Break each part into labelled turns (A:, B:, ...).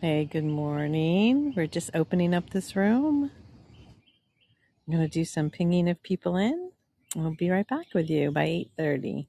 A: Hey, good morning. We're just opening up this room. I'm going to do some pinging of people in. We'll be right back with you by 8:30.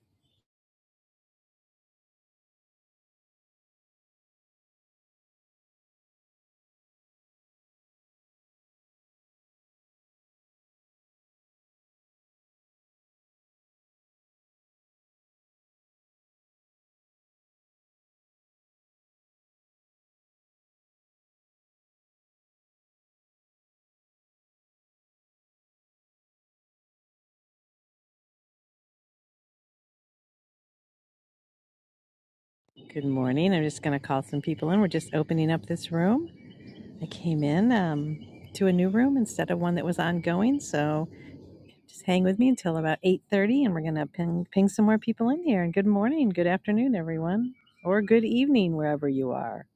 A: Good morning. I'm just going to call some people in. We're just opening up this room. I came in um, to a new room instead of one that was ongoing, so just hang with me until about 8:30 and we're going to ping ping some more people in here. And good morning, good afternoon everyone, or good evening wherever you are.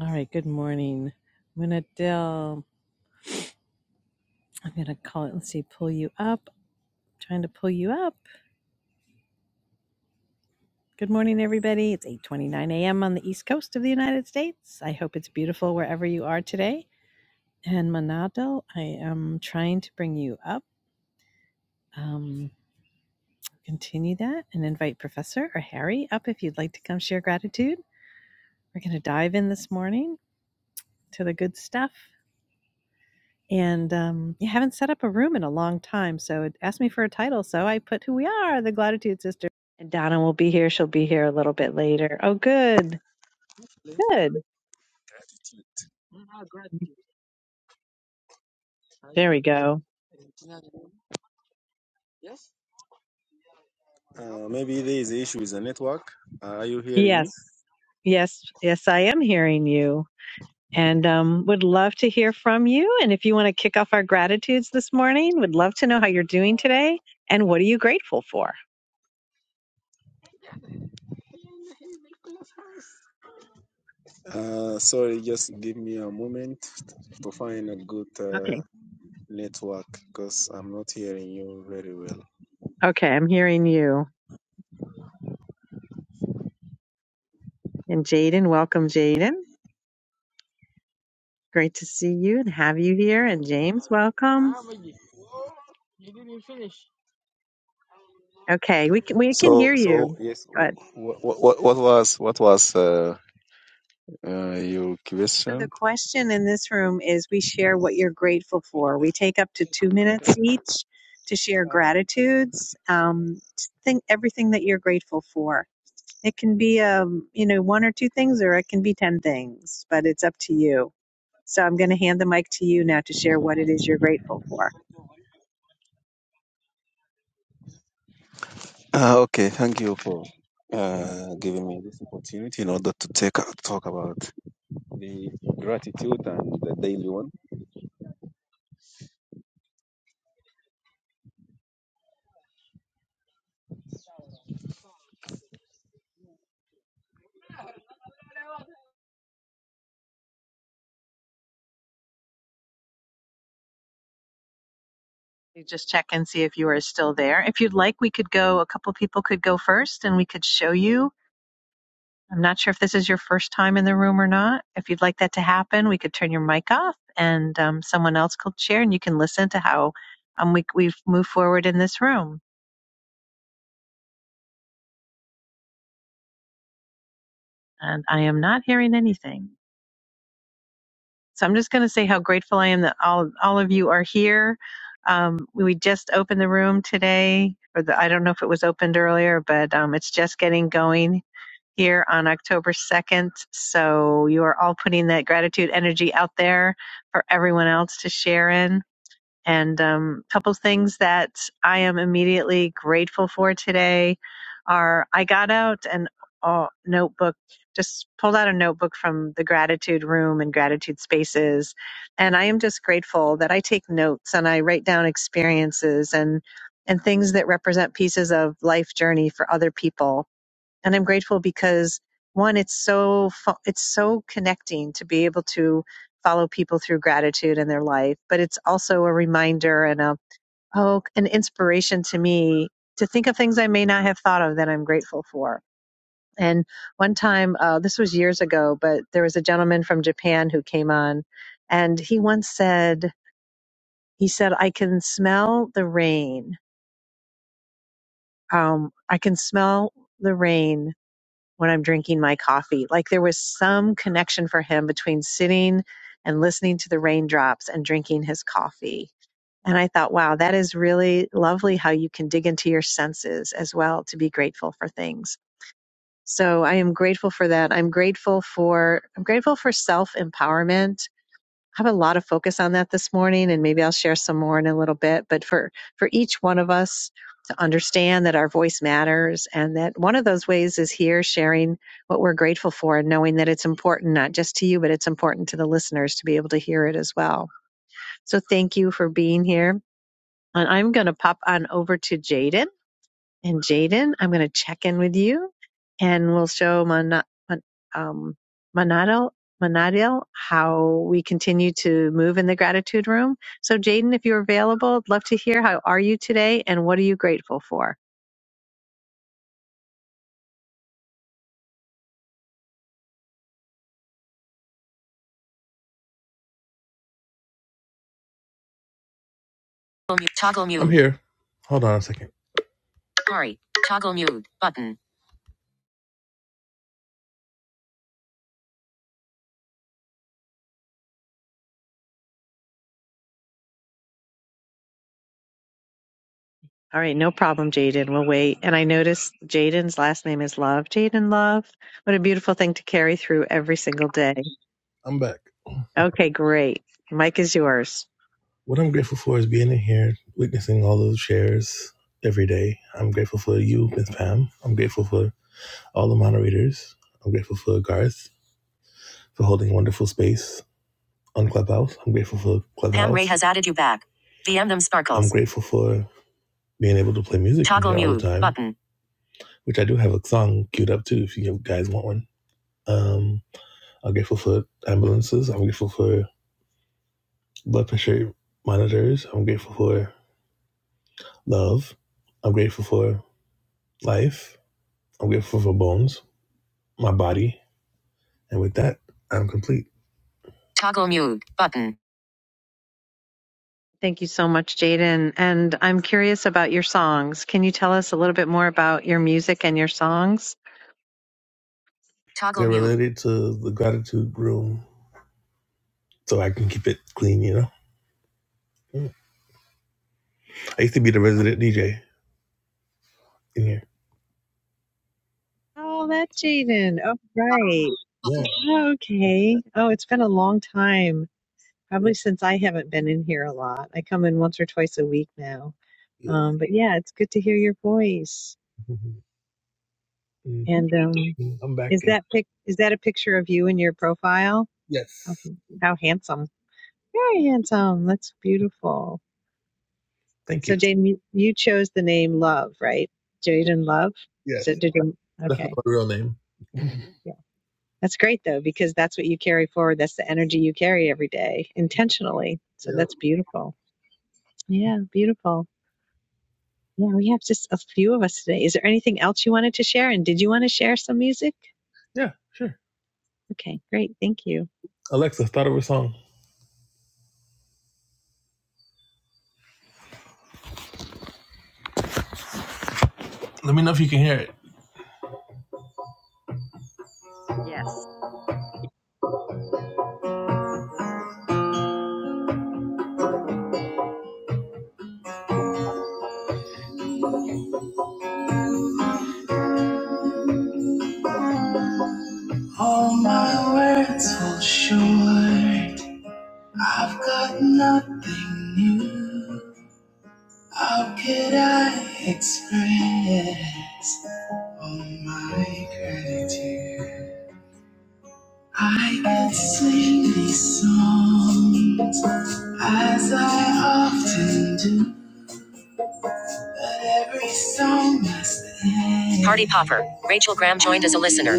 A: All right, good morning. I'm going to I'm going to call it, let's see, pull you up. Trying to pull you up. Good morning, everybody. It's 8:29 a.m. on the East Coast of the United States. I hope it's beautiful wherever you are today. And Manadal, I am trying to bring you up. Um, continue that and invite Professor or Harry up if you'd like to come share gratitude. We're going to dive in this morning to the good stuff. And um, you haven't set up a room in a long time, so it asked me for a title. So I put "Who We Are," the Gratitude Sisters. And Donna will be here. She'll be here a little bit later. Oh, good, good. There we go.
B: Uh, maybe there is an issue with the network. Uh, are you hearing me?
A: Yes. Yes. Yes, I am hearing you and um, would love to hear from you. And if you want to kick off our gratitudes this morning, would love to know how you're doing today and what are you grateful for?
B: Uh, sorry, just give me a moment to find a good uh,
A: Okay.
B: network because I'm not hearing you very well.
A: Okay. I'm hearing you. And Jaden, welcome, Jaden. Great to see you and have you here. And James, welcome. Okay. We can, we can
B: So,
A: hear
B: so
A: you.
B: yes, what, what, what was what was uh, uh, your
A: So the
B: question?
A: question in this room is we share what you're grateful for. We take up to two minutes each to share gratitudes. Um, think everything that you're grateful for. It can be um, you know, one or two things or it can be ten things, but it's up to you. So I'm gonna hand the mic to you now to share what it is you're grateful for.
B: Uh, okay, thank you for uh, giving me this opportunity in order to take talk about the gratitude and the daily one.
A: You just check and see if you are still there. If you'd like, we could go a couple people could go first and we could show you I'm not sure if this is your first time in the room or not. If you'd like that to happen, we could turn your mic off and um, someone else could share and you can listen to how um, we, we've moved forward in this room. And I am not hearing anything. So I'm just going to say how grateful I am that all, all of you are here. Um, we just opened the room today, or the, I don't know if it was opened earlier, but um, it's just getting going here on October 2nd. So you are all putting that gratitude energy out there for everyone else to share in. And um, a um, couple things that I am immediately grateful for today are I got out an uh, notebook, just pulled out a notebook from the gratitude room and gratitude spaces. And I am just grateful that I take notes and I write down experiences and and things that represent pieces of life journey for other people and I'm grateful because one, it's so fu- it's so connecting to be able to follow people through gratitude in their life, but it's also a reminder and a oh an inspiration to me to think of things I may not have thought of that I'm grateful for. And one time, uh, this was years ago, but there was a gentleman from Japan who came on, and he once said he said I can smell the rain. Um, I can smell the rain when I'm drinking my coffee. Like there was some connection for him between sitting and listening to the raindrops and drinking his coffee. And I thought, wow, that is really lovely how you can dig into your senses as well to be grateful for things. So I am grateful for that. I'm grateful for I'm grateful for self-empowerment have a lot of focus on that this morning and maybe I'll share some more in a little bit but for for each one of us to understand that our voice matters and that one of those ways is here sharing what we're grateful for and knowing that it's important not just to you but it's important to the listeners to be able to hear it as well. So thank you for being here and I'm going to pop on over to Jaden and Jaden, I'm going to check in with you and we'll show Mana- Mon- um, Manado, Manadil how we continue to move in the gratitude room. So, Jaden, if you're available, I'd love to hear how are you today and what are you grateful for?
C: Toggle mute. I'm here. Hold on a second. Sorry. Toggle mute button.
A: All right, no problem, Jaden. We'll wait. And I noticed Jaden's last name is Love. Jaden Love. What a beautiful thing to carry through every single day.
C: I'm back.
A: Okay, great. Mike is yours.
C: What I'm grateful for is being in here, witnessing all those shares every day. I'm grateful for you, Miss Pam. I'm grateful for all the moderators. I'm grateful for Garth for holding wonderful space on Clubhouse. I'm grateful for Clubhouse. Pam Ray has added you back. DM them sparkles. I'm grateful for being able to play music in Toggle here all the time, button. which I do have a song queued up too if you guys want one. Um, I'm grateful for ambulances. I'm grateful for blood pressure monitors. I'm grateful for love. I'm grateful for life. I'm grateful for bones, my body. And with that, I'm complete. Toggle mute button.
A: Thank you so much, Jaden. And I'm curious about your songs. Can you tell us a little bit more about your music and your songs?
C: Toggle They're mute. related to the gratitude room, so I can keep it clean, you know? Mm. I used to be the resident DJ in here.
A: Oh, that's Jaden. Oh, right.
C: Yeah.
A: Oh, Okay. Oh, it's been a long time,
C: Yep.
A: probably since I haven't been in here a lot. I come in once or twice a week now.
C: Yeah.
A: Um, but yeah, it's good to hear your voice.
C: hmm
A: And um,
C: hmm I'm back
A: is
C: again.
A: that pic- is that a picture of you in your profile? How,
C: Yes.
A: how handsome! Very handsome. That's beautiful.
C: Thank
A: So,
C: you.
A: Jaden, you you chose the name Love, right? Jaden Love.
C: Yes.
A: So, did you?
C: That's not
A: Okay.
C: my real name.
A: Yeah. That's great, though, because that's what you carry forward. That's the energy you carry every day intentionally. So,
C: Yeah.
A: that's beautiful. Yeah. Beautiful. Yeah. We have just a few of us today. Is there anything else you wanted to share? And did you want to share some music?
C: Yeah, sure.
A: Okay. Great. Thank you.
C: Alexa, start over a song. Let me know if you can hear it.
A: Yes.
C: All my words fall short. I've got nothing new. How could I express all my gratitude? I could sing these songs as I often do. Party Popper. Rachel Graham joined as a listener.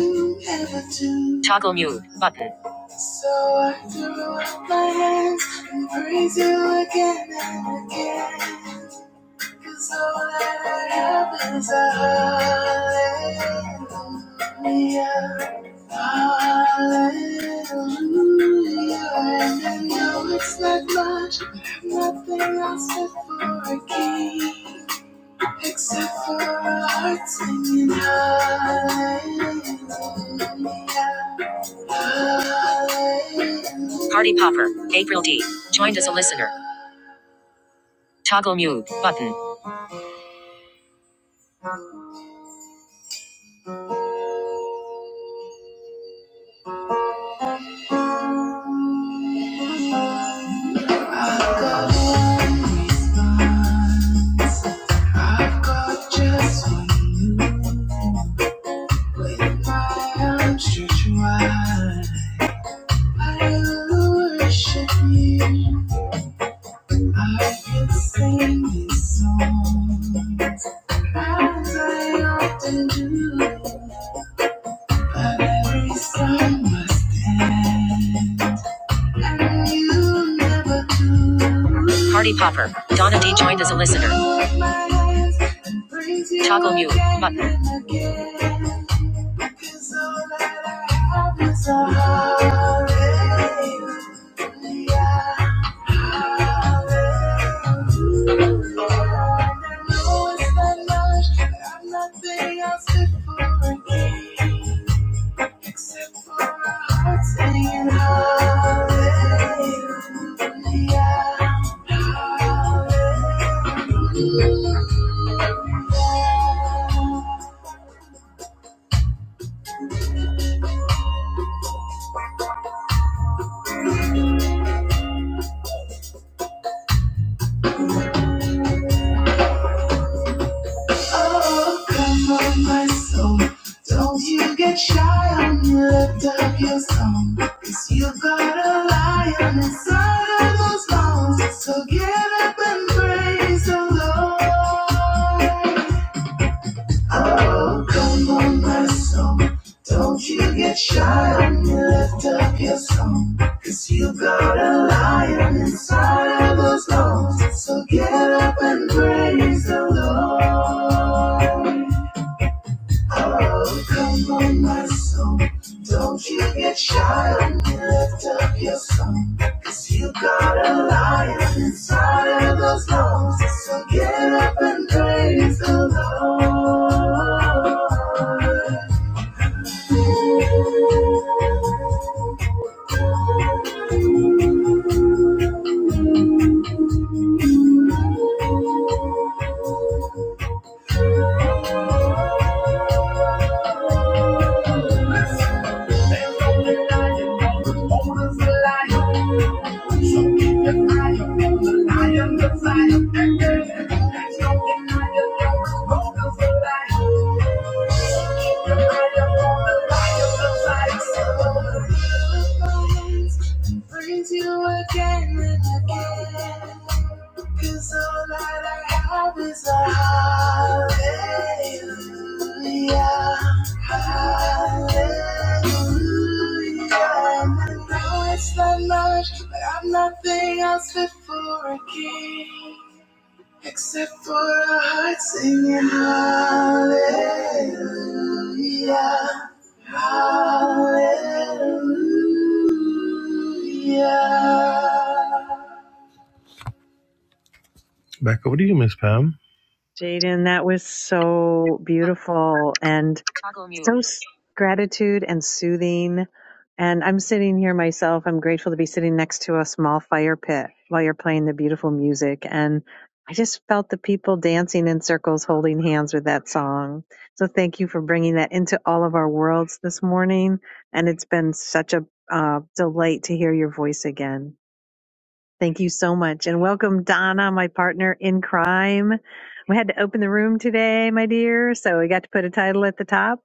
C: Toggle mute button. So I threw up my hands and praise you again and again. Cause all that I hallelujah. Hallelujah. And I know it's not much, but nothing else but for a king. Except for hearts Party Popper, April D. Joined as a listener. Toggle mute button. I've got just one move with my arms stretched wide. I worship you. I can sing these songs as I often do. But every song must end. And you never do. Party Popper. Donna D joined as a listener. Toggle mute button. Except for our hearts singing hallelujah. Oh, come on, my soul. Don't you get shy on me. Lift up your song. Cause you've got a lion inside of those bones. So get up and praise the Lord. Oh, come on, my soul. Don't you get shy on me. Lift up your song. Cause you've got a lion inside of those bones. So get up and praise the Lord. Oh, come on, my soul. Don't you get shy and lift up your song. Cause you got a lion inside of those lungs. So get up and praise the Lord. Brings you again and again. Cause all that I have is a hallelujah, hallelujah. And I know it's not much, but I'm nothing else fit for a king. Except for a heart singing hallelujah, hallelujah. Back over to you, Miss Pam.
A: Jaden, that was so beautiful. And
C: Toggle mute.
A: so s- gratitude and soothing. And I'm sitting here myself. I'm grateful to be sitting next to a small fire pit while you're playing the beautiful music. And I just felt the people dancing in circles, holding hands with that song. So thank you for bringing that into all of our worlds this morning. And it's been such a uh, delight to hear your voice again. Thank you so much. And welcome, Donna, my partner in crime. We had to open the room today, my dear. So we got to put a title at the top.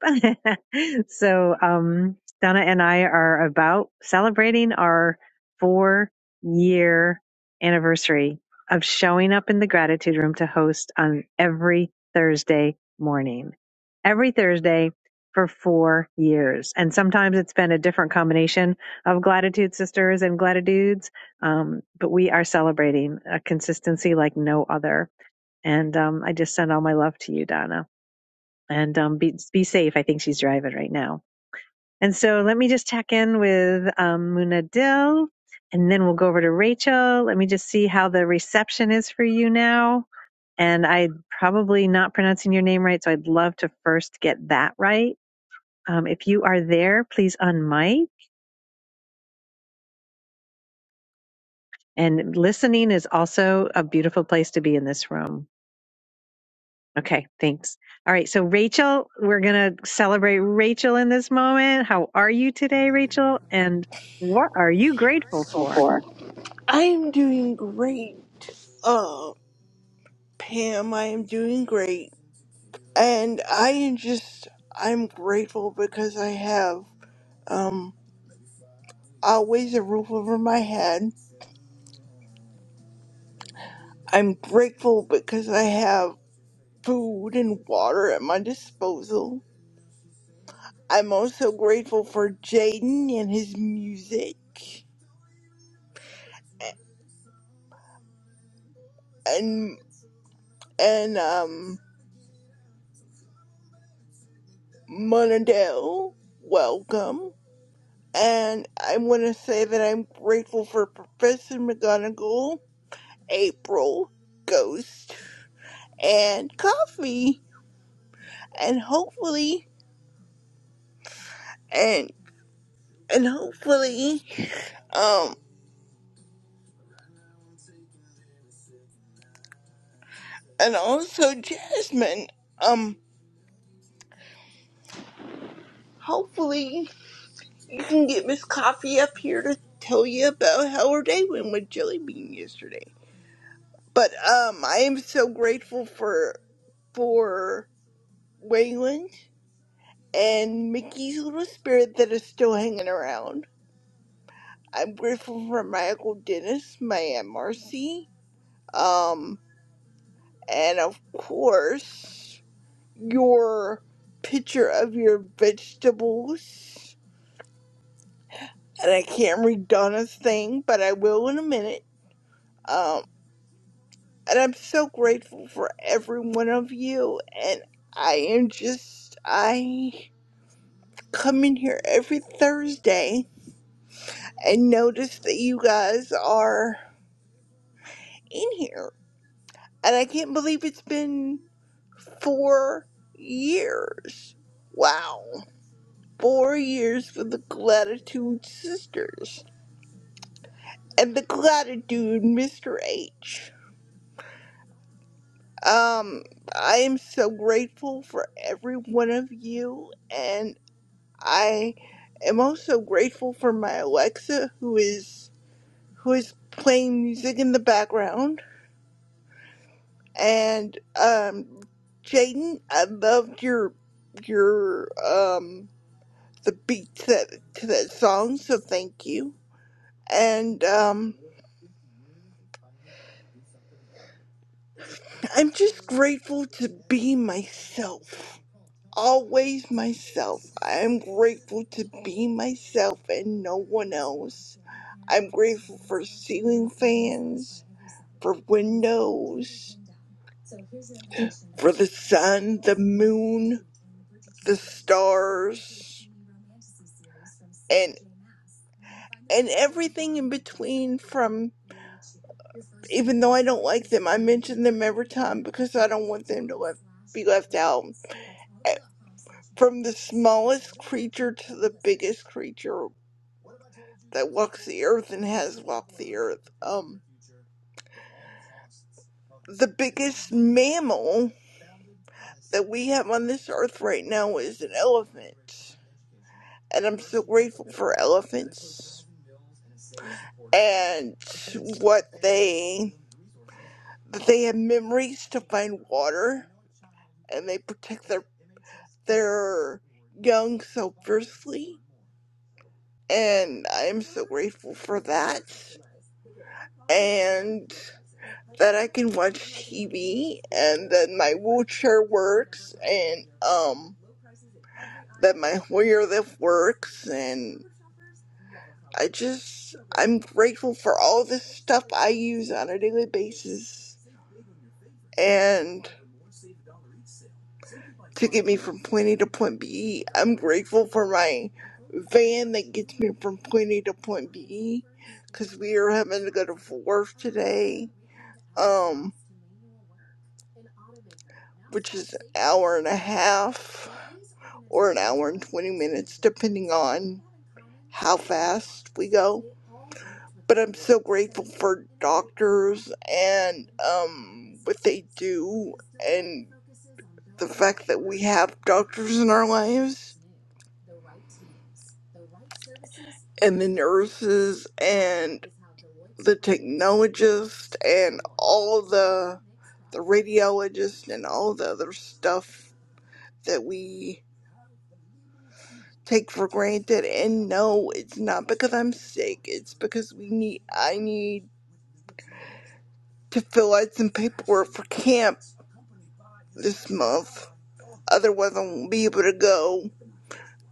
A: so, um, Donna and I are about celebrating our four year anniversary of showing up in the gratitude room to host on every Thursday morning, every Thursday for four years. And sometimes it's been a different combination of gratitude sisters and gratitudes um, but we are celebrating a consistency like no other. And um, I just send all my love to you, Donna. And um, be, be safe. I think she's driving right now. And so let me just check in with um, Muna Dill, and then we'll go over to Rachel. Let me just see how the reception is for you now. And I'm probably not pronouncing your name right, so I'd love to first get that right. Um, if you are there, please unmic. And listening is also a beautiful place to be in this room. Okay, thanks. All right, so Rachel, we're going to celebrate Rachel in this moment. How are you today, Rachel? And what are you grateful for?
D: I am doing great, uh, Pam. I am doing great, and I am just I'm grateful because I have um always a roof over my head. I'm grateful because I have food and water at my disposal. I'm also grateful for Jaden and his music, and and um Monadel. Welcome. and I want to say that I'm grateful for Professor McGonagall, April, Ghost, and Coffee, and hopefully, and and hopefully, um, and also Jasmine. Um, hopefully you can get Miss Coffee up here to tell you about how her day went with Jelly Bean yesterday. But um, I am so grateful for for Waylon and Mickey's little spirit that is still hanging around. I'm grateful for my Uncle Dennis, my Aunt Marcy, um, and of course, your picture of your vegetables. And I can't read Donna's thing, but I will in a minute. Um, and I'm so grateful for every one of you. And I am just, I come in here every Thursday and notice that you guys are. in here. And I can't believe it's been four years. Wow. Four years for the Gratitude Sisters and the Gratitude Mr. H. Um, I am so grateful for every one of you, and I am also grateful for my Alexa, who is who is playing music in the background And um, Jaden, I loved your your um the beats that to that song, so thank you. And um, I'm just grateful to be myself. always myself. I am grateful to be myself and no one else. I'm grateful for ceiling fans, for windows, for the sun, the moon, the stars, and and everything in between From even though I don't like them, I mention them every time because I don't want them to left, be left out. Eh, From the smallest creature to the biggest creature that walks the earth and has walked the earth. Um, the biggest mammal that we have on this earth right now is an elephant, and I'm so grateful for elephants and what they that they have memories to find water and they protect their their young so fiercely, and I am so grateful for that. And that I can watch TV, and that my wheelchair works, and um, that my Hoyer lift works, and I just I'm grateful for all the stuff I use on a daily basis, and. to get me from point A to point B. I'm grateful for my van that gets me from point A to point B because we are having to go to work today. Um, which is an hour and a half or an hour and 20 minutes, depending on how fast we go. But I'm so grateful for doctors and um, what they do and the fact that we have doctors in our lives and the nurses and the technologists, and all the the radiologists, and all the other stuff that we take for granted and no it's not because i'm sick it's because we need i need to fill out some paperwork for camp this month otherwise i won't be able to go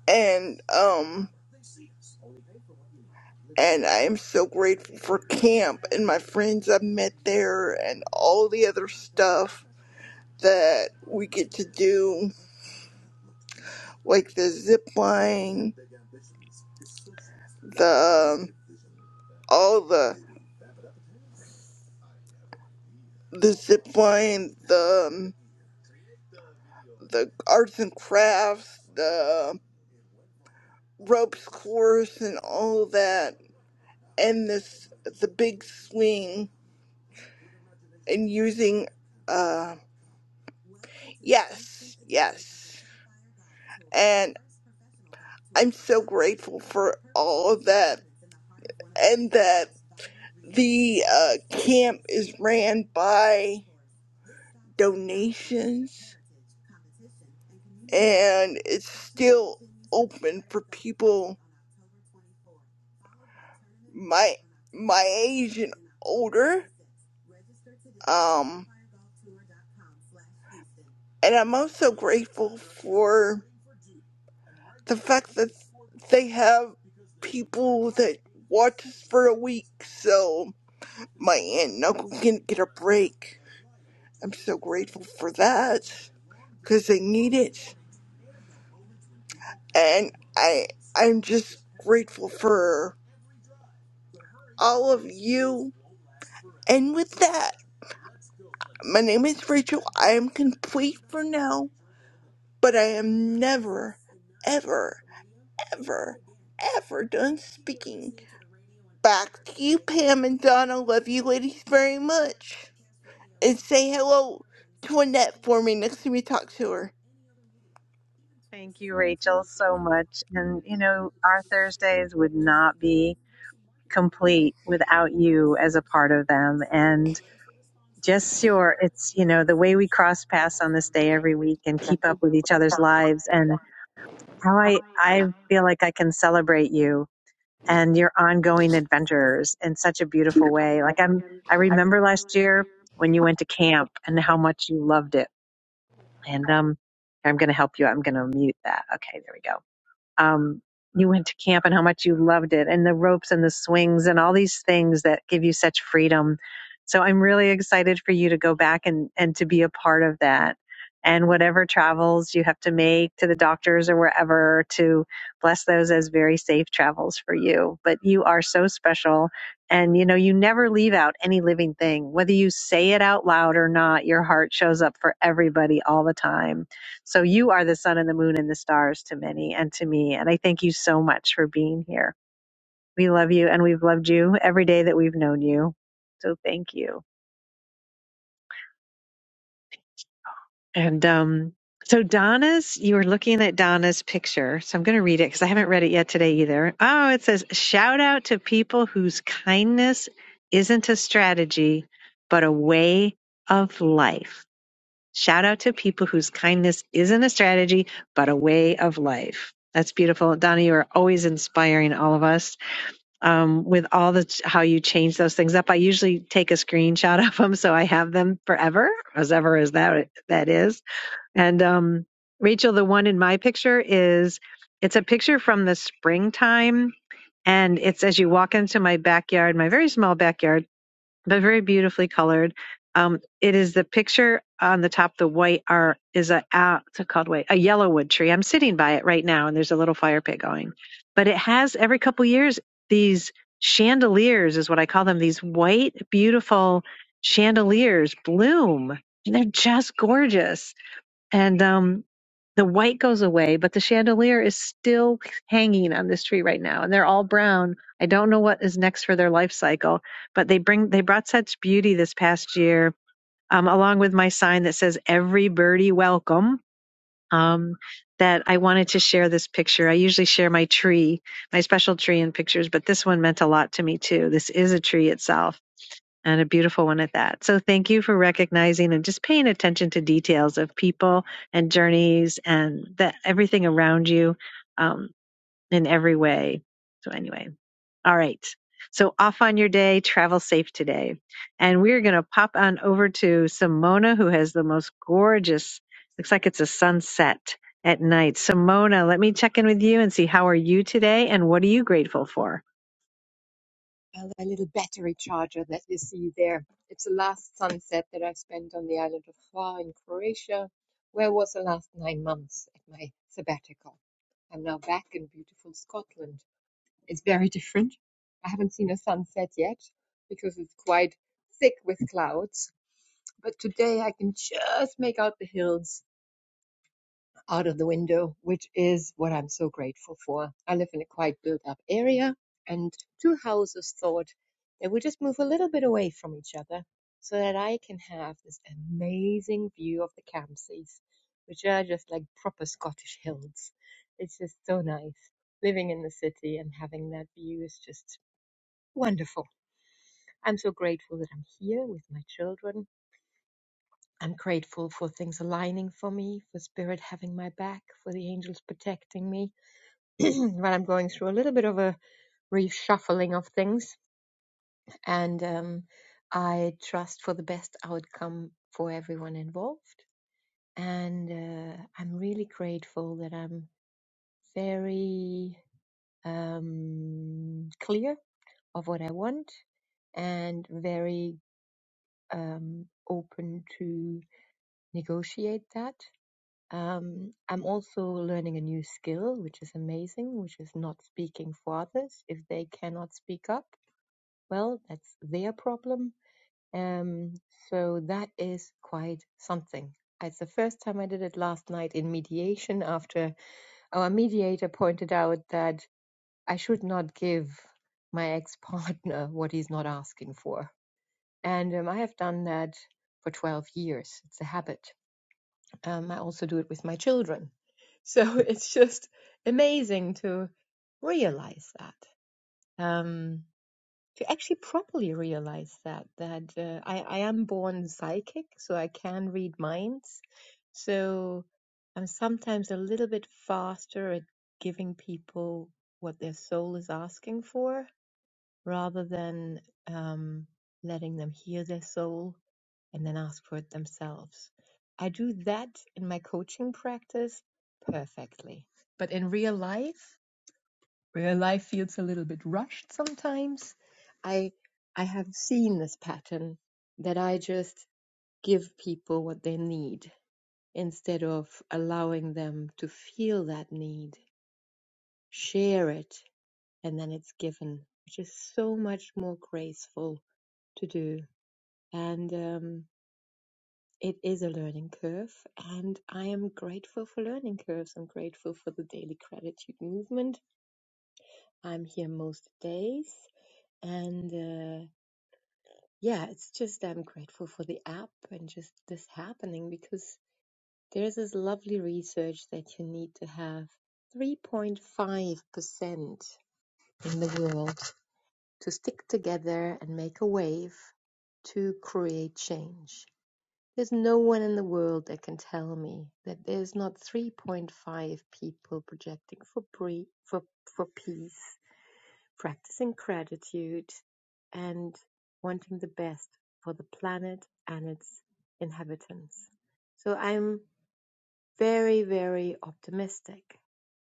D: and um and i am so grateful for camp and my friends i've met there and all the other stuff that we get to do like the zip line the um, all the the zip line the um, the arts and crafts, the ropes course, and all of that, and this the big swing and using. Uh, yes, yes. And I'm so grateful for all of that and that the uh, camp is ran by donations and it's still open for people my my age and older um and i'm also grateful for the fact that they have people that watch us for a week so my aunt and uncle can get a break. I'm so grateful for that because they need it. And I I'm just grateful for all of you. And with that, my name is Rachel. I am complete for now, but I am never ever ever, ever done speaking. Back to you, Pam and Donna. Love you ladies very much. And say hello to Annette for me next time you talk to her.
A: Thank you, Rachel, so much. And, you know, our Thursdays would not be complete without you as a part of them. And just your, it's, you know, the way we cross paths on this day every week and keep up with each other's lives and how I, I feel like I can celebrate you and your ongoing adventures in such a beautiful way. Like I'm, I remember last year when you went to camp and how much you loved it. And um, I'm going to help you. I'm going to mute that. Okay, there we go um, you went to camp and how much you loved it, and the ropes and the swings and all these things that give you such freedom. So I'm really excited for you to go back and, and to be a part of that. And whatever travels you have to make to the doctors or wherever to bless those as very safe travels for you. But you are so special. And you know, you never leave out any living thing. Whether you say it out loud or not, your heart shows up for everybody all the time so you are the sun and the moon and the stars to many and to me. And I thank you so much for being here. We love you and we've loved you every day that we've known you. So thank you. And um, so Donna's, you were looking at Donna's picture. So I'm going to read it because I haven't read it yet today either. Oh, it says, shout out to people whose kindness isn't a strategy, but a way of life. Shout out to people whose kindness isn't a strategy, but a way of life. That's beautiful. Donna, you are always inspiring all of us um, with all the how you change those things up. I usually take a screenshot of them so I have them forever, as ever as that that is. And um, Rachel, the one in my picture is it's a picture from the springtime, and it's as you walk into my backyard, my very small backyard but very beautifully colored. Um, it is the picture on the top. The white are is a uh, it's called white a yellowwood tree. I'm sitting by it right now, and there's a little fire pit going. But it has every couple years these chandeliers is what I call them. These white beautiful chandeliers bloom, and they're just gorgeous and um, the white goes away, but the chandelier is still hanging on this tree right now, and they're all brown. I don't know what is next for their life cycle, but they bring they brought such beauty this past year, um, along with my sign that says "Every birdie welcome." Um, that I wanted to share this picture. I usually share my tree, my special tree in pictures, but this one meant a lot to me too. This is a tree itself and a beautiful one at that. So thank you for recognizing and just paying attention to details of people and journeys and the, everything around you um, in every way. So anyway, all right. So off on your day, travel safe today. And we're going to pop on over to Simona, who has the most gorgeous, looks like it's a sunset at night. Simona, let me check in with you and see how are you today and what are you grateful for?
E: uh, a little battery charger that you see there. It's the last sunset that I spent on the island of Hvar in Croatia, where I was the last nine months at my sabbatical. I'm now back in beautiful Scotland. It's very different. I haven't seen a sunset yet because it's quite thick with clouds, but today I can just make out the hills out of the window, which is what I'm so grateful for. I live in a quite built up area, and two houses thought that we just move a little bit away from each other so that I can have this amazing view of the Campsies, which are just like proper Scottish hills. It's just so nice. Living in the city and having that view is just wonderful. I'm so grateful that I'm here with my children. I'm grateful for things aligning for me, for spirit having my back, for the angels protecting me but I'm going through a little bit of a reshuffling of things, and um, I trust for the best outcome for everyone involved. And uh, I'm really grateful that I'm very um, clear of what I want and very um, open to negotiate that. Um, I'm also learning a new skill, which is amazing, which is not speaking for others if they cannot speak up well, that's their problem. Um, so that is quite something. It's the first time I did it last night in mediation after our mediator pointed out that I should not give my ex partner what he's not asking for. And um, I have done that for 12 years. It's a habit. Um, I also do it with my children. So it's just amazing to realize that. Um, to actually properly realize that that uh, I, I am born psychic, so I can read minds. So I'm sometimes a little bit faster at giving people what their soul is asking for, rather than um, letting them hear their soul and then ask for it themselves. I do that in my coaching practice perfectly, but in real life. Where life feels a little bit rushed sometimes. I I have seen this pattern that I just give people what they need instead of allowing them to feel that need, share it, and then it's given, which is so much more graceful to do. And um, it is a learning curve, and I am grateful for learning curves. I'm grateful for the daily gratitude movement. I'm here most days, and uh, yeah, it's just I'm grateful for the app and just this happening because there's this lovely research that you need to have 3.5% in the world to stick together and make a wave to create change. There's no one in the world that can tell me that there's not 3.5 people projecting for pre- for for peace practicing gratitude and wanting the best for the planet and its inhabitants. So I'm very, very optimistic.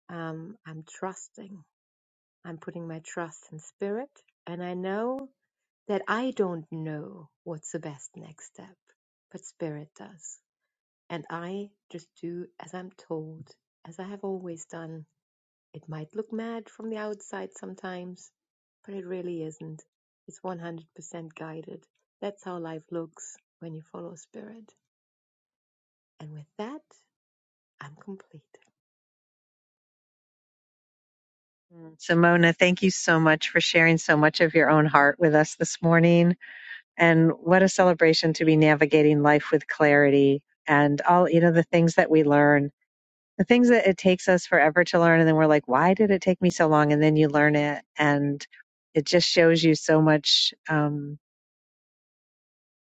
E: Um, I'm trusting. I'm putting my trust in spirit. And I know that I don't know what's the best next step, but spirit does. And I just do as I'm told, as I have always done it might look mad from the outside sometimes, but it really isn't. It's 100% guided. That's how life looks when you follow spirit. And with that, I'm complete.
A: Mm. Simona, thank you so much for sharing so much of your own heart with us this morning. And what a celebration to be navigating life with clarity and all, you know, the things that we learn, the things that it takes us forever to learn. And then we're like, why did it take me so long? And then you learn it. And it just shows you so much, um,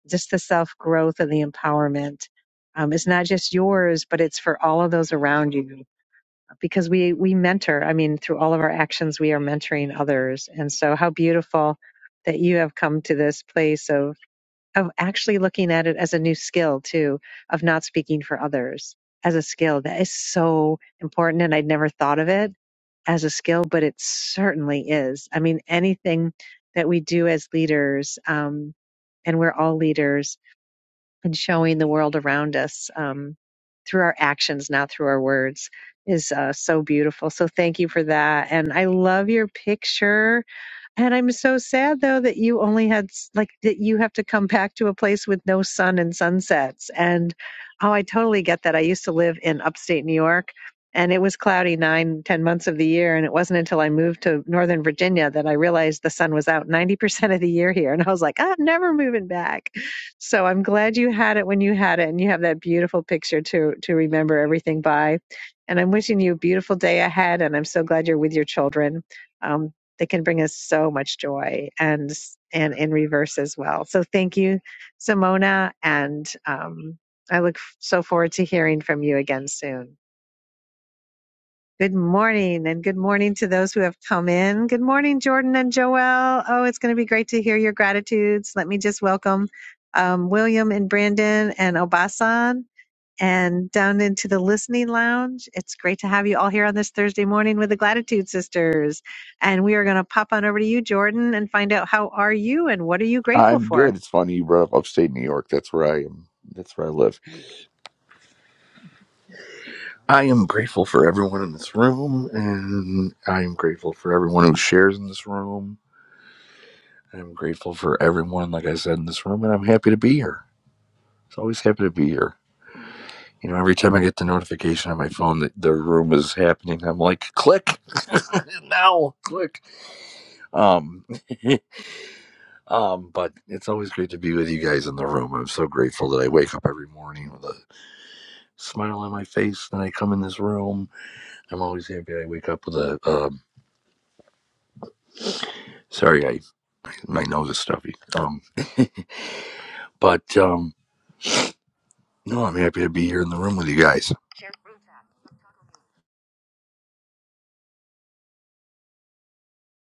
A: just the self growth and the empowerment. Um, it's not just yours, but it's for all of those around you because we we mentor i mean through all of our actions we are mentoring others and so how beautiful that you have come to this place of of actually looking at it as a new skill too of not speaking for others as a skill that is so important and i'd never thought of it as a skill but it certainly is i mean anything that we do as leaders um, and we're all leaders and showing the world around us um, through our actions, not through our words, is uh, so beautiful. So thank you for that. And I love your picture and I'm so sad though that you only had s- like that you have to come back to a place with no sun and sunsets. And oh, I totally get that. I used to live in upstate New York and it was cloudy nine, ten months of the year. And it wasn't until I moved to Northern Virginia that I realized the sun was out 90% of the year here. And I was like, "Ah, I'm never moving back. So I'm glad you had it when you had it. And you have that beautiful picture to, to remember everything by. And I'm wishing you a beautiful day ahead. And I'm so glad you're with your children. Um, that can bring us so much joy and and in reverse as well. So thank you, Simona, and um, I look f- so forward to hearing from you again soon. Good morning, and good morning to those who have come in. Good morning, Jordan and Joelle. Oh, it's going to be great to hear your gratitudes. Let me just welcome um, William and Brandon and Obasan and down into the listening lounge. It's great to have you all here on this Thursday morning with the Gratitude Sisters. And we are going to pop on over to you, Jordan, and find out how are you and what are you grateful
F: I'm
A: for?
F: good. It's funny you brought up upstate New York. That's where I am. That's where I live. I am grateful for everyone in this room, and I am grateful for everyone who shares in this room. I'm grateful for everyone, like I said, in this room, and I'm happy to be here. It's always happy to be here. You know, every time I get the notification on my phone that the room is happening, I'm like, click now, click. Um, um, but it's always great to be with you guys in the room. I'm so grateful that I wake up every morning. with a smile on my face and I come in this room. I'm always happy. I wake up with a um, sorry, I my nose is stuffy. Um, but um, no, I'm happy to be here in the room with you guys.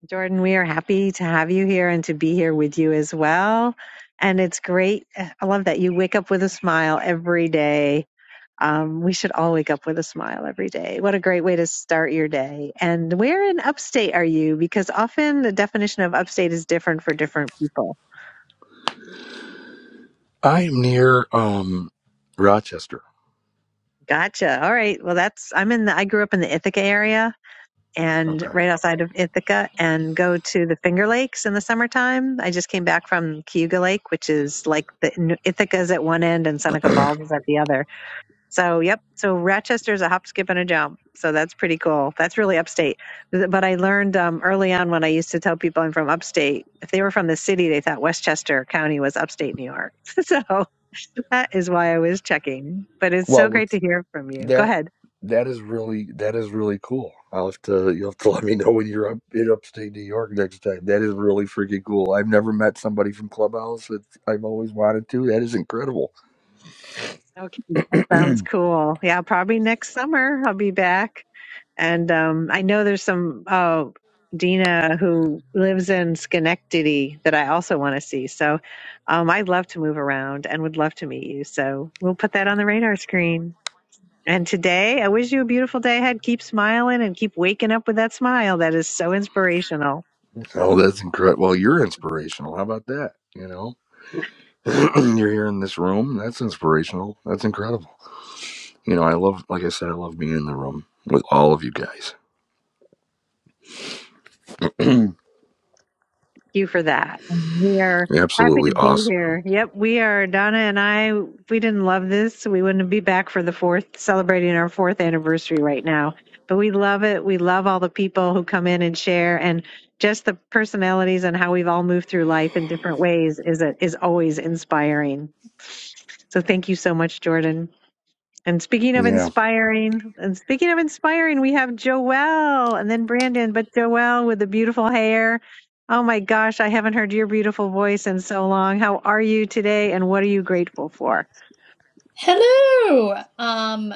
A: Jordan, we are happy to have you here and to be here with you as well. And it's great. I love that you wake up with a smile every day. Um, we should all wake up with a smile every day. What a great way to start your day. And where in upstate are you? Because often the definition of upstate is different for different people.
F: I am near um, Rochester.
A: Gotcha. All right. Well, that's I'm in the I grew up in the Ithaca area and
F: Okay.
A: right outside of Ithaca and go to the Finger Lakes in the summertime. I just came back from Cayuga Lake, which is like the Ithaca's at one end and Seneca Falls is at the other. So, yep. So Rochester's a hop, skip, and a jump. So that's pretty cool. That's really upstate. But I learned um, early on when I used to tell people I'm from upstate, if they were from the city, they thought Westchester County was upstate New York. so that is why I was checking. But it's so
F: Well,
A: great to
F: what's
A: hear from you. Go
F: that?
A: ahead.
F: That is really that is really cool. I'll have to you'll have to let me know when you're up in upstate New York next time. That is really freaking cool. I've never met somebody from Clubhouse that I've always wanted to. That is incredible.
A: Okay, that sounds cool. Yeah, probably next summer I'll be back. And um, I know there's some uh, Dina who lives in Schenectady that I also want to see. So um, I'd love to move around and would love to meet you. So we'll put that on the radar screen. And today, I wish you a beautiful day ahead. Keep smiling and keep waking up with that smile. That is so inspirational.
F: Oh, that's incredible. Well, you're inspirational. How about that? You know. You're here in this room. That's inspirational. That's incredible. You know, I love, like I said, I love being in the room with all of you guys.
A: you for that. We are happy to
F: Absolutely
A: be
F: awesome.
A: here. Yep, we are. Donna and I, if we didn't love this, we wouldn't be back for the fourth, celebrating our fourth anniversary right now. But we love it. We love all the people who come in and share, and just the personalities and how we've all moved through life in different ways is a, is always inspiring. So thank you so much, Jordan. And speaking of
F: Yeah.
A: inspiring, and speaking of inspiring, we have Joelle and then Brandon, but Joelle with the beautiful hair. Oh my gosh, I haven't heard your beautiful voice in so long. How are you today and what are you grateful for?
G: Hello. Um,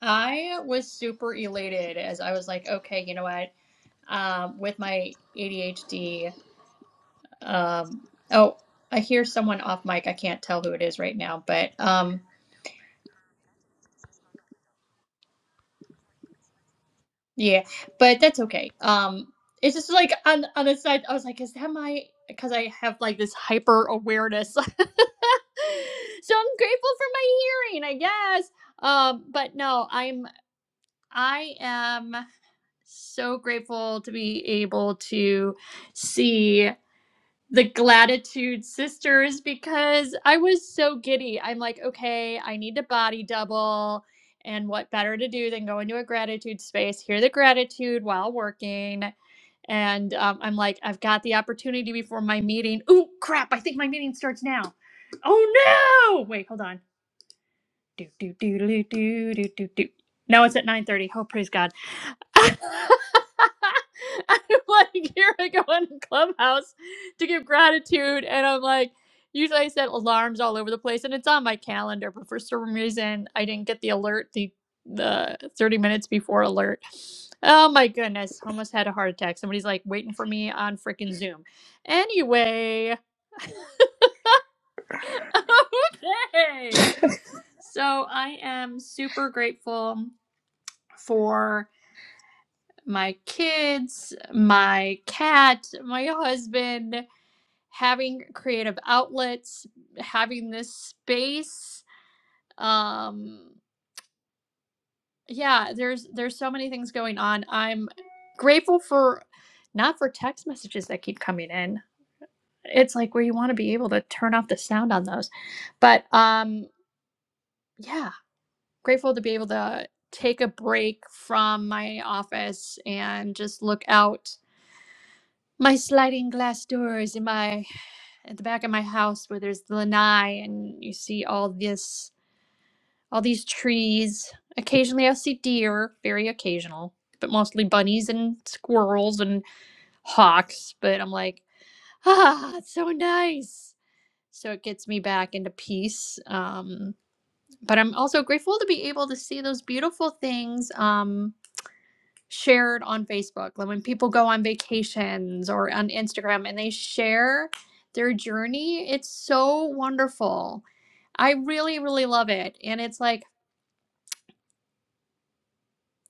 G: I was super elated as I was like, okay, you know what? Um, with my ADHD, um, oh, I hear someone off mic. I can't tell who it is right now, but um, yeah, but that's okay. Um, it's just like on on the side, I was like, is that my? Because I have like this hyper awareness, so I'm grateful for my hearing, I guess. Um, but no, I'm I am. so grateful to be able to see the Gratitude Sisters because I was so giddy. I'm like, okay, I need to body double. And what better to do than go into a gratitude space, hear the gratitude while working? And um, I'm like, I've got the opportunity before my meeting. Ooh, crap, I think my meeting starts now. Oh no! Wait, hold on. Do, do, do, do, do, do, do, do. No, it's at 9.30. Oh, praise God. I'm like, here I go on Clubhouse to give gratitude. And I'm like, usually I set alarms all over the place and it's on my calendar, but for some reason I didn't get the alert, the the 30 minutes before alert. Oh my goodness, almost had a heart attack. Somebody's like waiting for me on freaking Zoom. Anyway, okay. So I am super grateful for. my kids, my cat, my husband, having creative outlets, having this space. Um yeah, there's there's so many things going on. I'm grateful for not for text messages that keep coming in. It's like where you want to be able to turn off the sound on those. But um yeah, grateful to be able to take a break from my office and just look out my sliding glass doors in my at the back of my house where there's the lanai and you see all this all these trees occasionally i see deer very occasional but mostly bunnies and squirrels and hawks but i'm like ah it's so nice so it gets me back into peace um, but i'm also grateful to be able to see those beautiful things Um, shared on Facebook. Like when people go on vacations or on Instagram and they share their journey, it's so wonderful. I really, really love it. And it's like,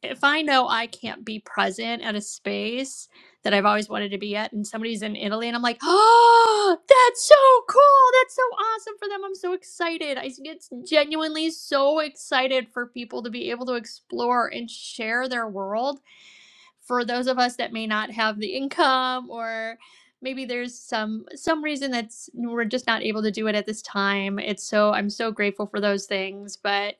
G: if I know I can't be present at a space that I've always wanted to be at, and somebody's in Italy, and I'm like, oh, that's so cool. That's so awesome for them. I'm so excited. I get genuinely so excited for people to be able to explore and share their world for those of us that may not have the income or maybe there's some some reason that's we're just not able to do it at this time it's so i'm so grateful for those things but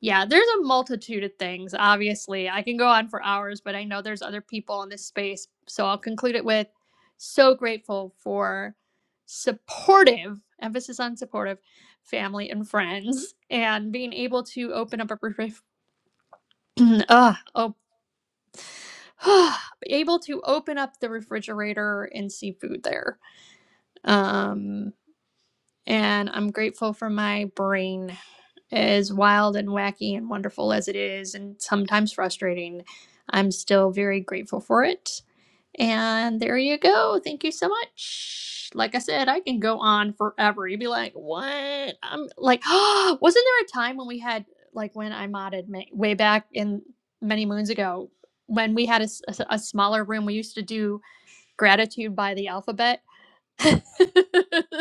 G: yeah there's a multitude of things obviously i can go on for hours but i know there's other people in this space so i'll conclude it with so grateful for supportive emphasis on supportive family and friends and being able to open up a perspective oh able to open up the refrigerator and see food there. Um, and I'm grateful for my brain, as wild and wacky and wonderful as it is, and sometimes frustrating. I'm still very grateful for it. And there you go. Thank you so much. Like I said, I can go on forever. You'd be like, what? I'm like, wasn't there a time when we had, like, when I modded ma- way back in many moons ago, when we had a, s- a s- a smaller room, we used to do gratitude by the alphabet.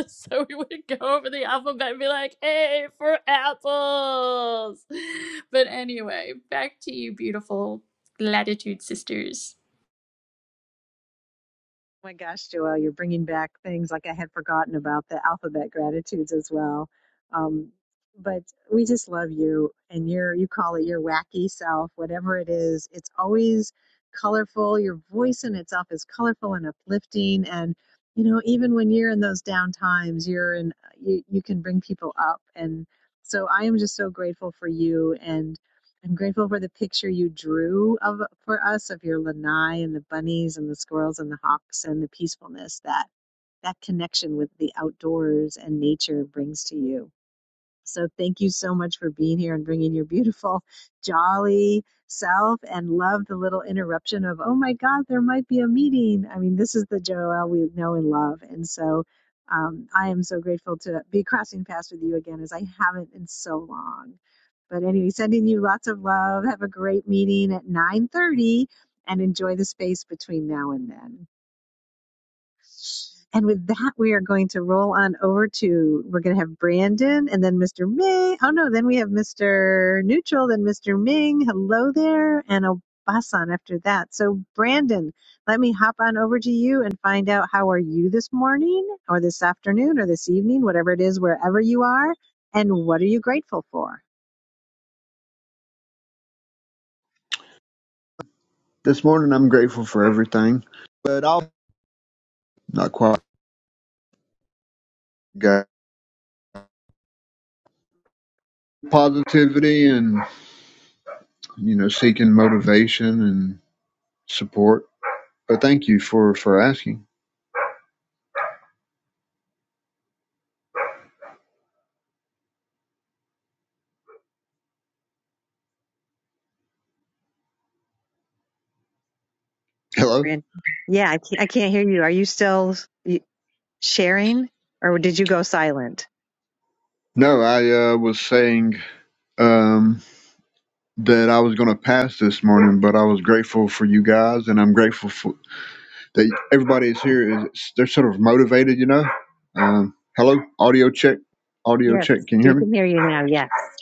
G: so we would go over the alphabet and be like, hey, for apples. But anyway, back to you, beautiful gratitude sisters.
A: Oh my gosh, Joelle, you're bringing back things like I had forgotten about the alphabet gratitudes as well. Um, but we just love you and your you call it your wacky self, whatever it is. It's always colorful. Your voice in itself is colorful and uplifting. And you know, even when you're in those down times, you're in you you can bring people up. And so I am just so grateful for you. and. I'm grateful for the picture you drew of for us of your lanai and the bunnies and the squirrels and the hawks and the peacefulness that that connection with the outdoors and nature brings to you. So thank you so much for being here and bringing your beautiful, jolly self and love the little interruption of, oh my God, there might be a meeting. I mean, this is the Joel we know and love. And so um, I am so grateful to be crossing paths with you again as I haven't in so long. But anyway, sending you lots of love. Have a great meeting at 9.30 and enjoy the space between now and then. And with that, we are going to roll on over to, we're going to have Brandon and then Mr. Ming. Oh no, then we have Mr. Neutral, then Mr. Ming. Hello there. And Obasan after that. So Brandon, let me hop on over to you and find out how are you this morning or this afternoon or this evening, whatever it is, wherever you are. And what are you grateful for?
H: This morning I'm grateful for everything, but I'll not quite got positivity and you know seeking motivation and support. But thank you for for asking. Hello.
A: Brandon. Yeah, I can't, I can't hear you. Are you still you- sharing or did you go silent?
H: No, I uh, was saying um, that I was going to pass this morning, but I was grateful for you guys, and I'm grateful for that everybody is here. Is they're sort of motivated, you know. Um, hello, audio check, audio
A: Yes,
H: check. Can you
A: we
H: hear me?
A: can hear you now. Yes.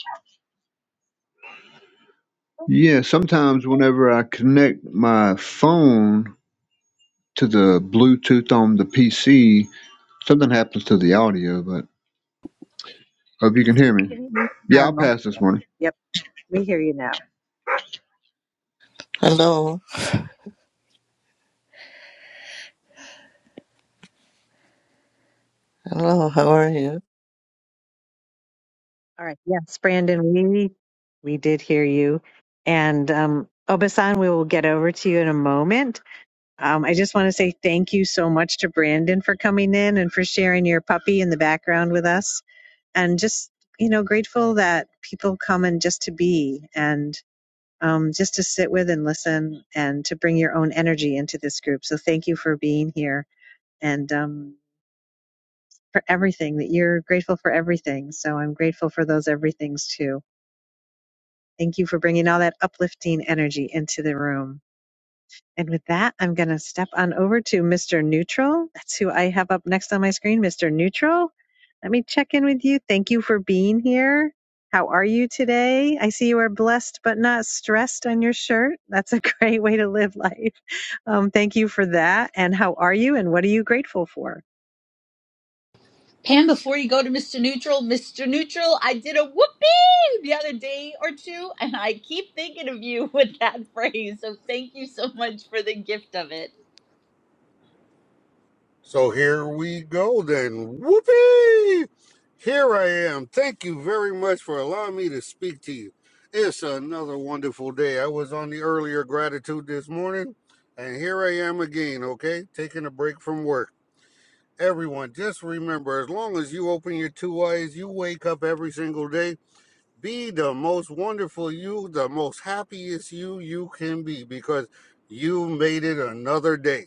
H: Yeah, sometimes whenever I connect my phone to the Bluetooth on the PC, something happens to the audio, but hope you can hear me.
A: Can you hear me
H: Yeah, I'll
A: now?
H: pass
A: Yeah.
H: this one.
A: Yep, we hear you now.
I: Hello, hello, how are you?
A: All right. Yes, Brandon, we we did hear you. And um Obasan, we will get over to you in a moment. Um, I just want to say thank you so much to Brandon for coming in and for sharing your puppy in the background with us. And just, you know, grateful that people come and just to be and um, just to sit with and listen and to bring your own energy into this group. So thank you for being here. And um, for everything, that you're grateful for everything. So I'm grateful for those everythings too. Thank you for bringing all that uplifting energy into the room. And with that, I'm going to step on over to Mr. Neutral. That's who I have up next on my screen, Mr. Neutral. Let me check in with you. Thank you for being here. How are you today? I see you are blessed but not stressed on your shirt. That's a great way to live life. Um, thank you for that. And how are you and what are you grateful for?
J: Pam, before you go to Mr. Neutral, Mr. Neutral, I did a whooping the other day or two, and I keep thinking of you with that phrase. So thank you so much for the gift of it.
K: So here we go then. Whoopee! Here I am. Thank you very much for allowing me to speak to you. It's another wonderful day. I was on the earlier gratitude this morning, and here I am again, okay? Taking a break from work. Everyone, just remember as long as you open your two eyes, you wake up every single day. Be the most wonderful you, the most happiest you you can be because you made it another day.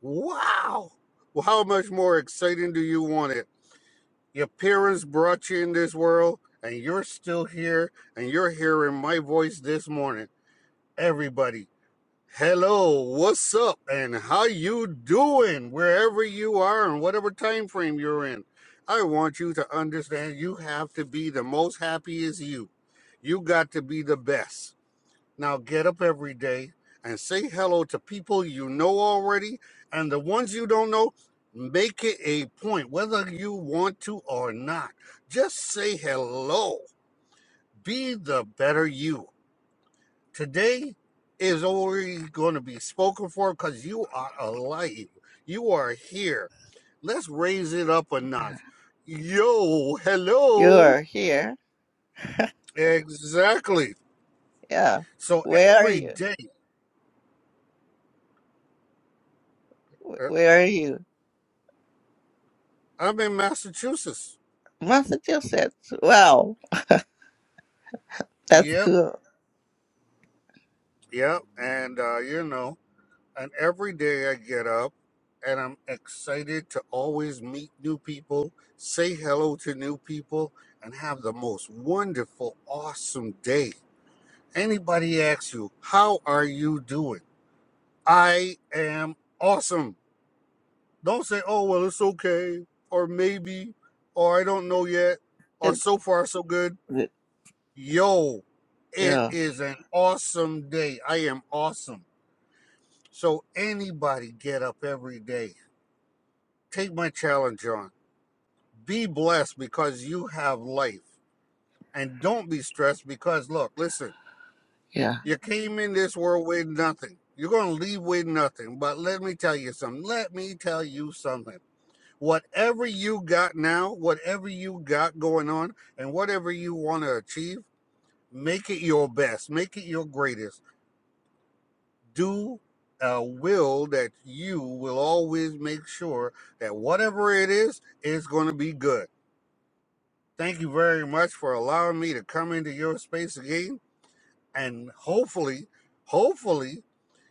K: Wow. Well, how much more exciting do you want it? Your parents brought you in this world, and you're still here, and you're hearing my voice this morning. Everybody, hello, what's up, and how you doing? Wherever you are, and whatever time frame you're in, I want you to understand you have to be the most happiest you. You got to be the best. Now get up every day and say hello to people you know already. And the ones you don't know, make it a point, whether you want to or not. Just say hello. Be the better you. Today is already going to be spoken for because you are alive. You are here. Let's raise it up a notch. Yo,
I: You
K: hello.
I: are here?
K: Exactly.
I: Yeah.
K: So
I: Where are
K: every
I: you?
K: day,
I: Wh-
K: uh,
I: Where are you?
K: I'm in Massachusetts.
I: Massachusetts. Wow, that's
K: Yep
I: cool.
K: Yep, and uh, you know, and every day I get up and I'm excited to always meet new people, say hello to new people, and have the most wonderful, awesome day. Anybody asks you, How are you doing? I am awesome. Don't say, Oh, well, it's okay, or maybe, or I don't know yet, or
I: It,
K: so far, so good.
I: it-
K: Yo, it
I: yeah,
K: is an awesome day. I am awesome. So anybody get up every day. Take my challenge on. Be blessed because you have life. And don't be stressed because look, listen,
I: yeah.
K: you came in this world with nothing. You're gonna leave with nothing. But let me tell you something. Let me tell you something. Whatever you got now, whatever you got going on, and whatever you want to achieve, make it your best. Make it your greatest do a will that you will always make sure that whatever it is, it's going to be good. Thank you very much for allowing me to come into your space again. And hopefully, hopefully,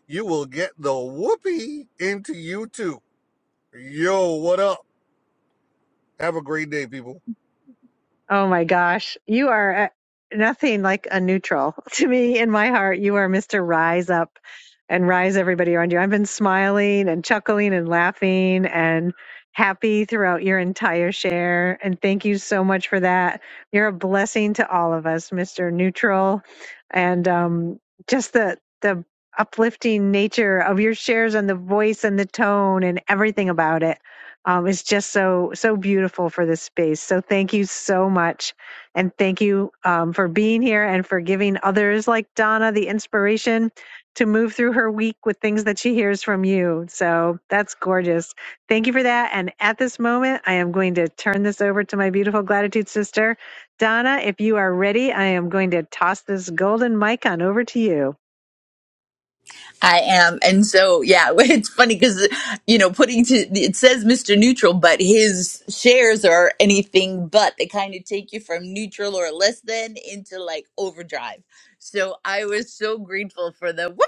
K: you will get the whoopee into you too. Yo, what up? Have a great day, people.
A: Oh my gosh, you are uh, nothing like a neutral to me in my heart. You are Mr. Rise Up and rise everybody around you. I've been smiling and chuckling and laughing and happy throughout your entire share. And thank you so much for that. You're a blessing to all of us, Mr. Neutral. And um, just the, the, uplifting nature of your shares and the voice and the tone and everything about it um, is just so so beautiful for this space. So thank you so much, and thank you um, for being here and for giving others like Donna the inspiration to move through her week with things that she hears from you. So that's gorgeous. Thank you for that. And at this moment, I am going to turn this over to my beautiful gratitude sister, Donna. If you are ready, I am going to toss this golden mic on over to you.
J: I am. And so, yeah, it's funny because, you know, putting to, it says Mr. Neutral, but his shares are anything but. They kind of take you from neutral or less than into like overdrive. So I was so grateful for the whoopee.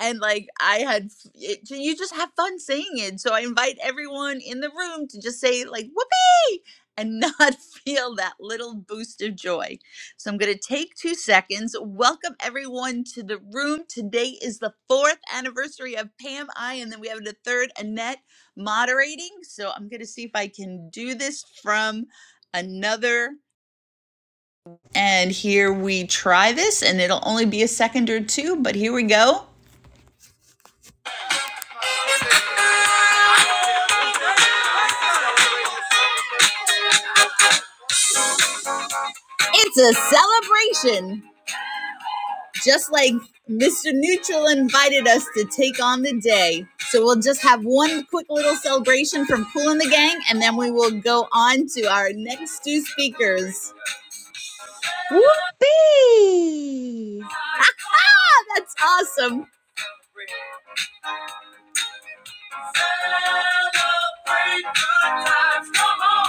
J: And like I had, f- it, you just have fun saying it. So I invite everyone in the room to just say like whoopee and not feel that little boost of joy. So I'm going to take two seconds. Welcome everyone to the room. Today is the fourth anniversary of Pam I, and then we have the third Annette moderating. So I'm going to see if I can do this from another. And here we try this, and it'll only be a second or two, but here we go. It's a celebration. just like Mr. Neutral invited us to take on the day. So we'll just have one quick little celebration from Cool and the Gang, and then we will go on to our next two speakers.
E: Whoopee!
J: Ah, that's awesome. Celebrate good times, come on.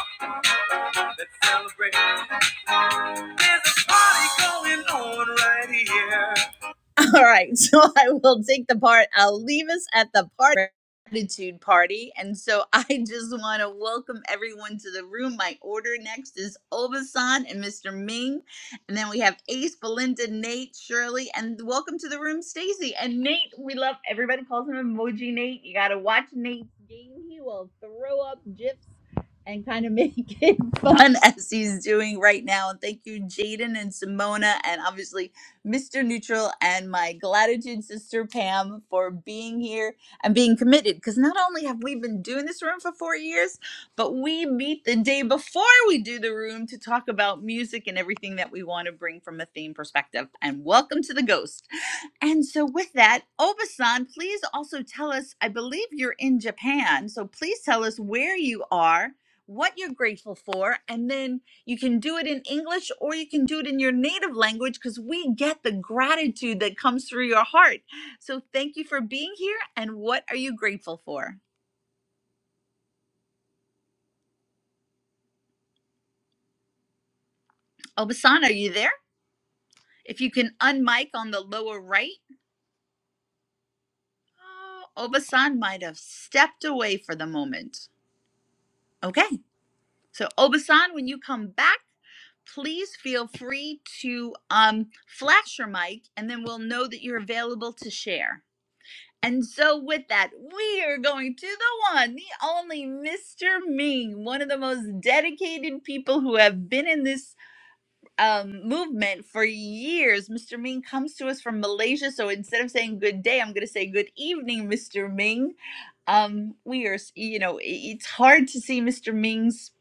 J: Let's celebrate. There's a party going on right here. All right. So I will take the part. I'll leave us at the part gratitude party. And so I just want to welcome everyone to the room. My order next is Obasan and Mr. Ming. And then we have Ace, Belinda, Nate, Shirley, and welcome to the room, Stacy. And Nate, we love everybody calls him emoji Nate. You gotta watch Nate's game. He will throw up gifs and kind of make it fun as he's doing right now. And thank you, Jaden and Simona, and obviously Mr. Neutral, and my gratitude sister Pam for being here and being committed. Because not only have we been doing this room for four years, but we meet the day before we do the room to talk about music and everything that we want to bring from a theme perspective. And welcome to the Ghost. And so, with that, Obasan, please also tell us. I believe you're in Japan, so please tell us where you are, what you're grateful for, and then you can do it in English or you can do it in your native language because we get the gratitude that comes through your heart. So thank you for being here. And what are you grateful for? Obasan, are you there? If you can unmic on the lower right, Oh, Obasan might have stepped away for the moment. Okay. So, Obasan, when you come back, please feel free to um, flash your mic and then we'll know that you're available to share. And so, with that, we are going to the one, the only Mr. Ming, one of the most dedicated people who have been in this um, movement for years. Mr. Ming comes to us from Malaysia. So, instead of saying good day, I'm going to say good evening, Mr. Ming. Um, we are, you know, i- it's hard to see Mr. Ming's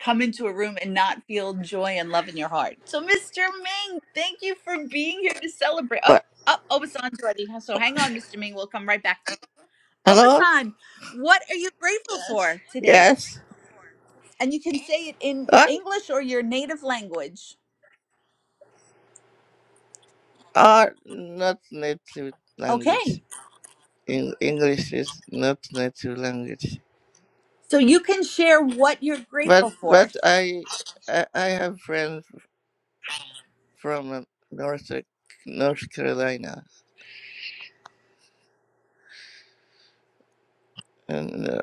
J: come into a room and not feel joy and love in your heart. So, Mr. Ming, thank you for being here to celebrate. Oh,
I: What?
J: oh, oh, it's on already. So, hang on, Mr. Ming. We'll come right back.
I: Hello?
J: Obasan, what are you grateful for today?
I: Yes.
J: And you can say it in
I: What?
J: English or your native language.
I: Oh, not native language.
J: Okay.
I: In English is not native language.
J: So you can share what you're
I: But
J: grateful for.
I: but I I, I have friends from uh, North North Carolina, and. uh,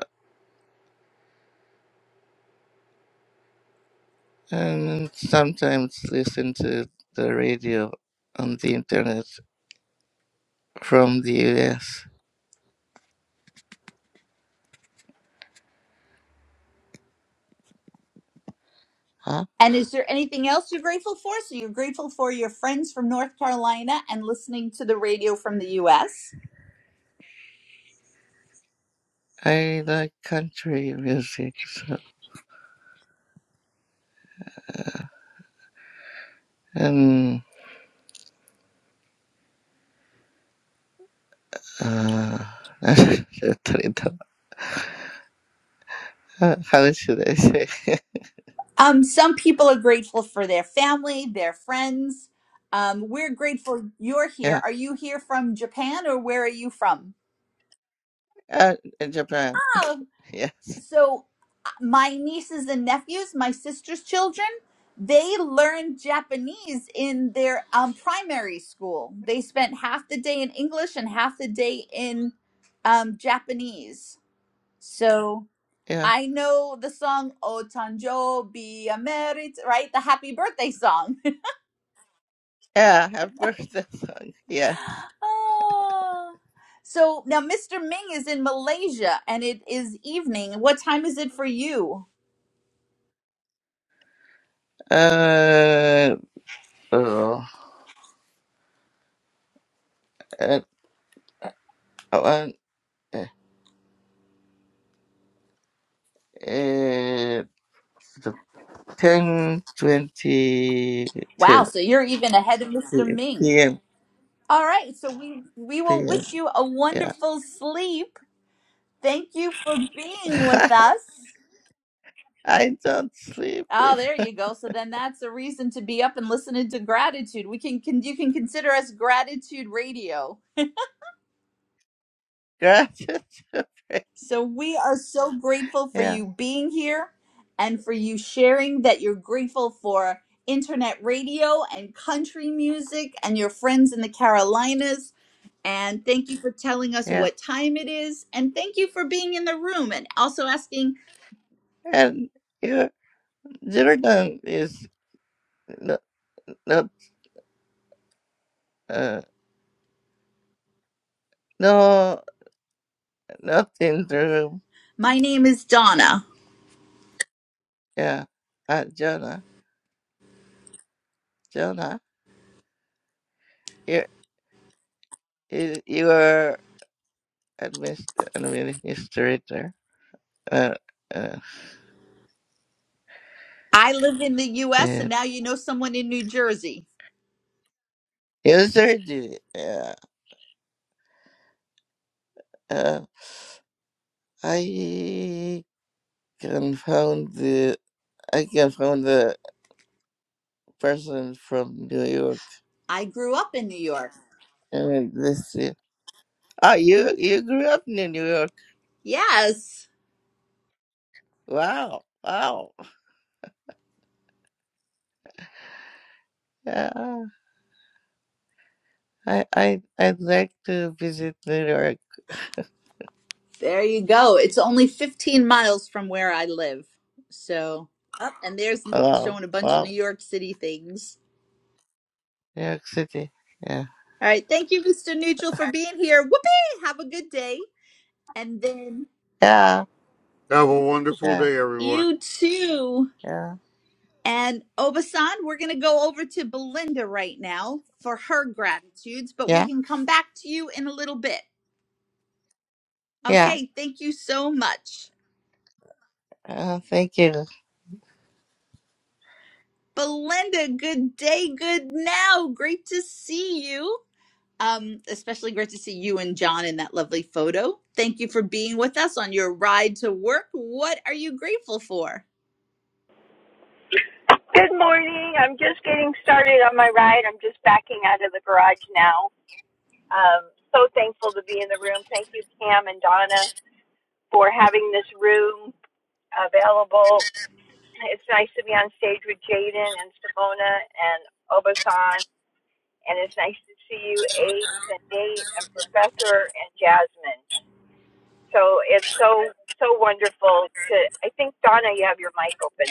I: and sometimes listen to the radio on the internet from the US. Huh?
J: And is there anything else you're grateful for? So you're grateful for your friends from North Carolina and listening to the radio from the US.
I: I like country music so- and uh, how how should I say?
J: Um, some people are grateful for their family, their friends. Um, we're grateful you're here.
I: yeah,
J: Are you here from Japan or where are you from?
I: uh, in Japan.
J: Oh,
I: Yes,
J: so my nieces and nephews, my sister's children, they learned Japanese in their um, primary school. They spent half the day in English and half the day in um, Japanese. So
I: yeah,
J: I know the song "O Tanjo Be Merit," right? The happy birthday song.
I: yeah. I've heard that song. Yes.
J: Ah. So now Mr. Ming is in Malaysia and it is evening. What time is it for you?
I: Uh, oh, uh, one, uh, uh, the 10, twenty-two.
J: Wow, so you're even ahead of Mr.
I: PM,
J: Ming.
I: PM,
J: All right, so we we will wish you a
I: Yeah.
J: wonderful sleep. Thank you for being with us.
I: I don't sleep in
J: Oh, there you go. So then that's a reason to be up and listening to gratitude. We can, can you can consider us gratitude radio.
I: gratitude.
J: So we are so grateful for
I: yeah,
J: you being here and for you sharing that you're grateful for internet radio and country music and your friends in the Carolinas And thank you for telling us
I: yeah.
J: what time it is. And thank you for being in the room and also asking.
I: And you, Jordan is not, not uh, no, not in the room.
J: My name is Donna.
I: Yeah. Uh, Jonah, Jonah, you, you you are administ- administrator. Uh, uh,
J: I live in the US and
I: and
J: now you know someone in New Jersey.
I: user did Yeah. Uh, I can found the, I can found the person from New York.
J: I grew up in New York.
I: And this year. Oh, you you grew up in New York.
J: Yes.
I: Wow. Wow. Yeah. I I I'd like to visit New York.
J: There you go. It's only 15 miles from where I live. So, up and there's Nate
I: Wow.
J: showing a bunch of New
I: Wow.
J: York City things.
I: New York City. Yeah.
J: All right. Thank you, Mr. Neutral, for being here. Whoopee. Have a good day. And then
I: Yeah.
K: Have a wonderful
I: Yeah.
K: day, everyone.
J: you too
I: Yeah.
J: And Obasan, we're going to go over to Belinda right now for her gratitudes, but we
I: Yeah.
J: can come back to you in a little bit.
I: Yeah.
J: Okay, thank you so much.
I: Uh, thank you.
J: Belinda, good day, good now. Great to see you. Um, especially great to see you and John in that lovely photo. Thank you for being with us on your ride to work. What are you grateful for?
L: Good morning. I'm just getting started on my ride. I'm just backing out of the garage now. Um, so thankful to be in the room. Thank you, Pam and Donna, for having this room available. It's nice to be on stage with Jaden and Simona and Obasan, and it's nice to see you, Ace and Nate and Professor and Jasmine. So it's so so wonderful to. I think Donna, you have your mic open.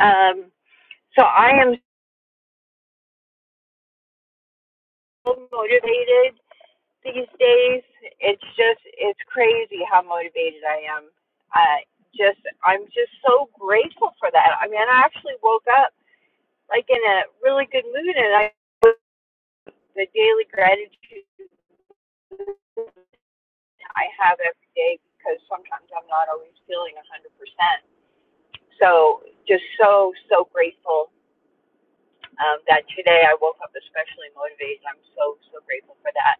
L: Um, so I am so motivated these days it's just it's crazy how motivated i am i just i'm just so grateful for that i mean i actually woke up like in a really good mood and i put the daily gratitude i have every day because sometimes i'm not always feeling one hundred percent so just so so grateful um, that today i woke up especially motivated i'm so so grateful for that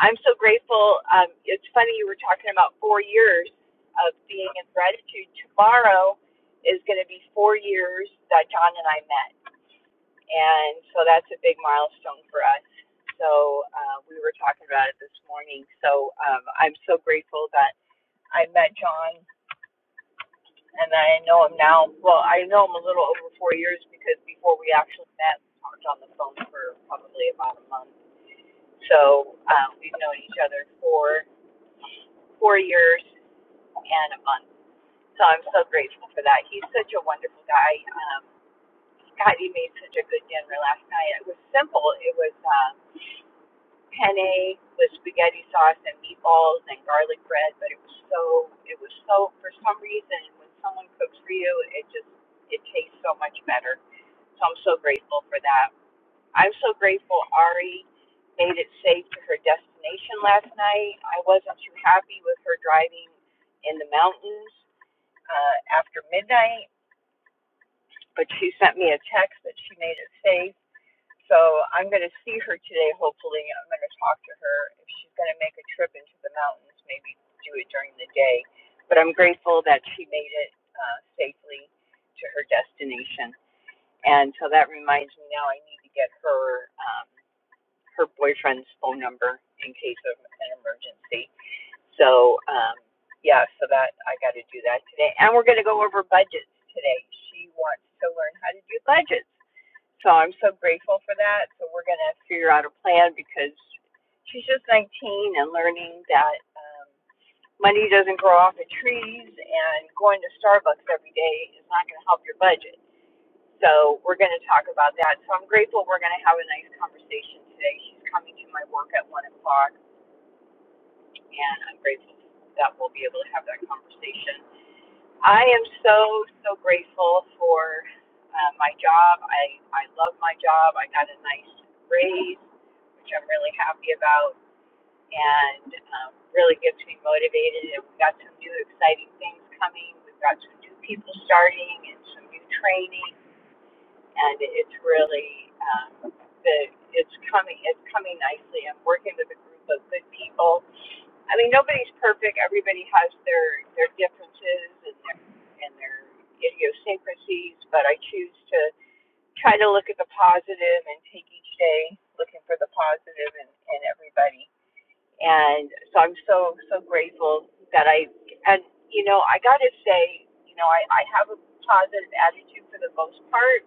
L: I'm so grateful. Um, it's funny you were talking about four years of being in gratitude. Tomorrow is going to be four years that John and I met, and so that's a big milestone for us. So uh, we were talking about it this morning. So um, I'm so grateful that I met John, and I know him now. Well, I know him a little over four years because before we actually met, we talked on the phone for probably about a month. So um, we've known each other for four years, and a month. So I'm so grateful for that. He's such a wonderful guy. Um, God, he made such a good dinner last night. It was simple. It was uh, penne with spaghetti sauce and meatballs and garlic bread, but it was so it was so for some reason when someone cooks for you, it just it tastes so much better. So I'm so grateful for that. I'm so grateful Ari made it safe to her destination last night. I wasn't too happy with her driving in the mountains uh, after midnight, but she sent me a text that she made it safe. So I'm going to see her today, hopefully. I'm going to talk to her. If she's going to make a trip into the mountains, maybe do it during the day. But I'm grateful that she made it uh, safely to her destination. And so that reminds me now I need to get her um, her boyfriend's phone number in case of an emergency. So, um, yeah, so that I got to do that today. And we're going to go over budgets today. She wants to learn how to do budgets. So I'm so grateful for that. So we're going to figure out a plan because she's just 19 and learning that um, money doesn't grow off of trees and going to Starbucks every day is not going to help your budget. So we're going to talk about that. So I'm grateful we're going to have a nice conversation today. She's coming to my work at 1 o'clock and I'm grateful that we'll be able to have that conversation. I am so, so grateful for uh, my job. I, I love my job. I got a nice raise, which I'm really happy about, and um, really gets me motivated. And we got some new exciting things coming. We've got some new people starting and some new training, and it's really um, the it's coming it's coming nicely. I'm working with a group of good people I mean, nobody's perfect. Everybody has their their differences and their and their idiosyncrasies. But I choose to try to look at the positive and take each day looking for the positive in, in everybody. And so I'm so so grateful that I and you know I got to say you know I I have a positive attitude for the most part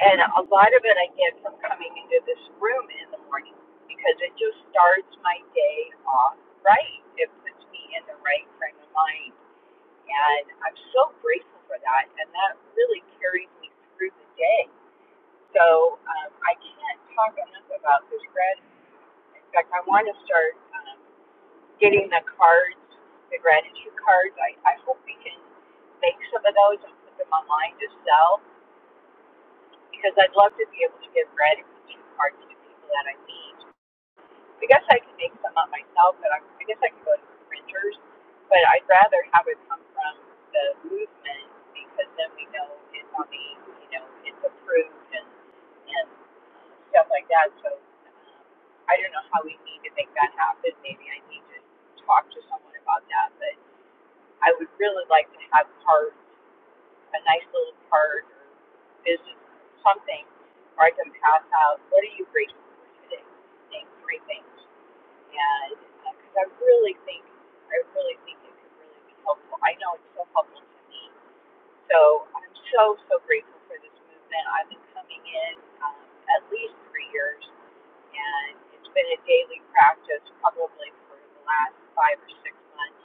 L: and a lot of it I get from coming into this room in the morning because it just starts my day off right. It puts me in the right frame of mind. And I'm so grateful for that. And that really carries me through the day. So um, I can't talk enough about this gratitude. In fact, I want to start um, getting the cards, the gratitude cards. I, I hope we can make some of those and put them online to sell because I'd love to be able to give gratitude cards to people that I meet. I guess I can make some up myself, but i I guess I can go to printers. But I'd rather have it come from the movement because then we know it's on the, you know, it's approved and and stuff like that. So um, I don't know how we need to make that happen. Maybe I need to talk to someone about that. But I would really like to have cards a nice little card or business or something where I can pass out what are you grateful for today? Name three things. And because uh, I really think I really think it could really be helpful. I know it's so helpful to me. So I'm so so grateful for this movement. I've been coming in um, at least three years, and it's been a daily practice probably for the last five or six months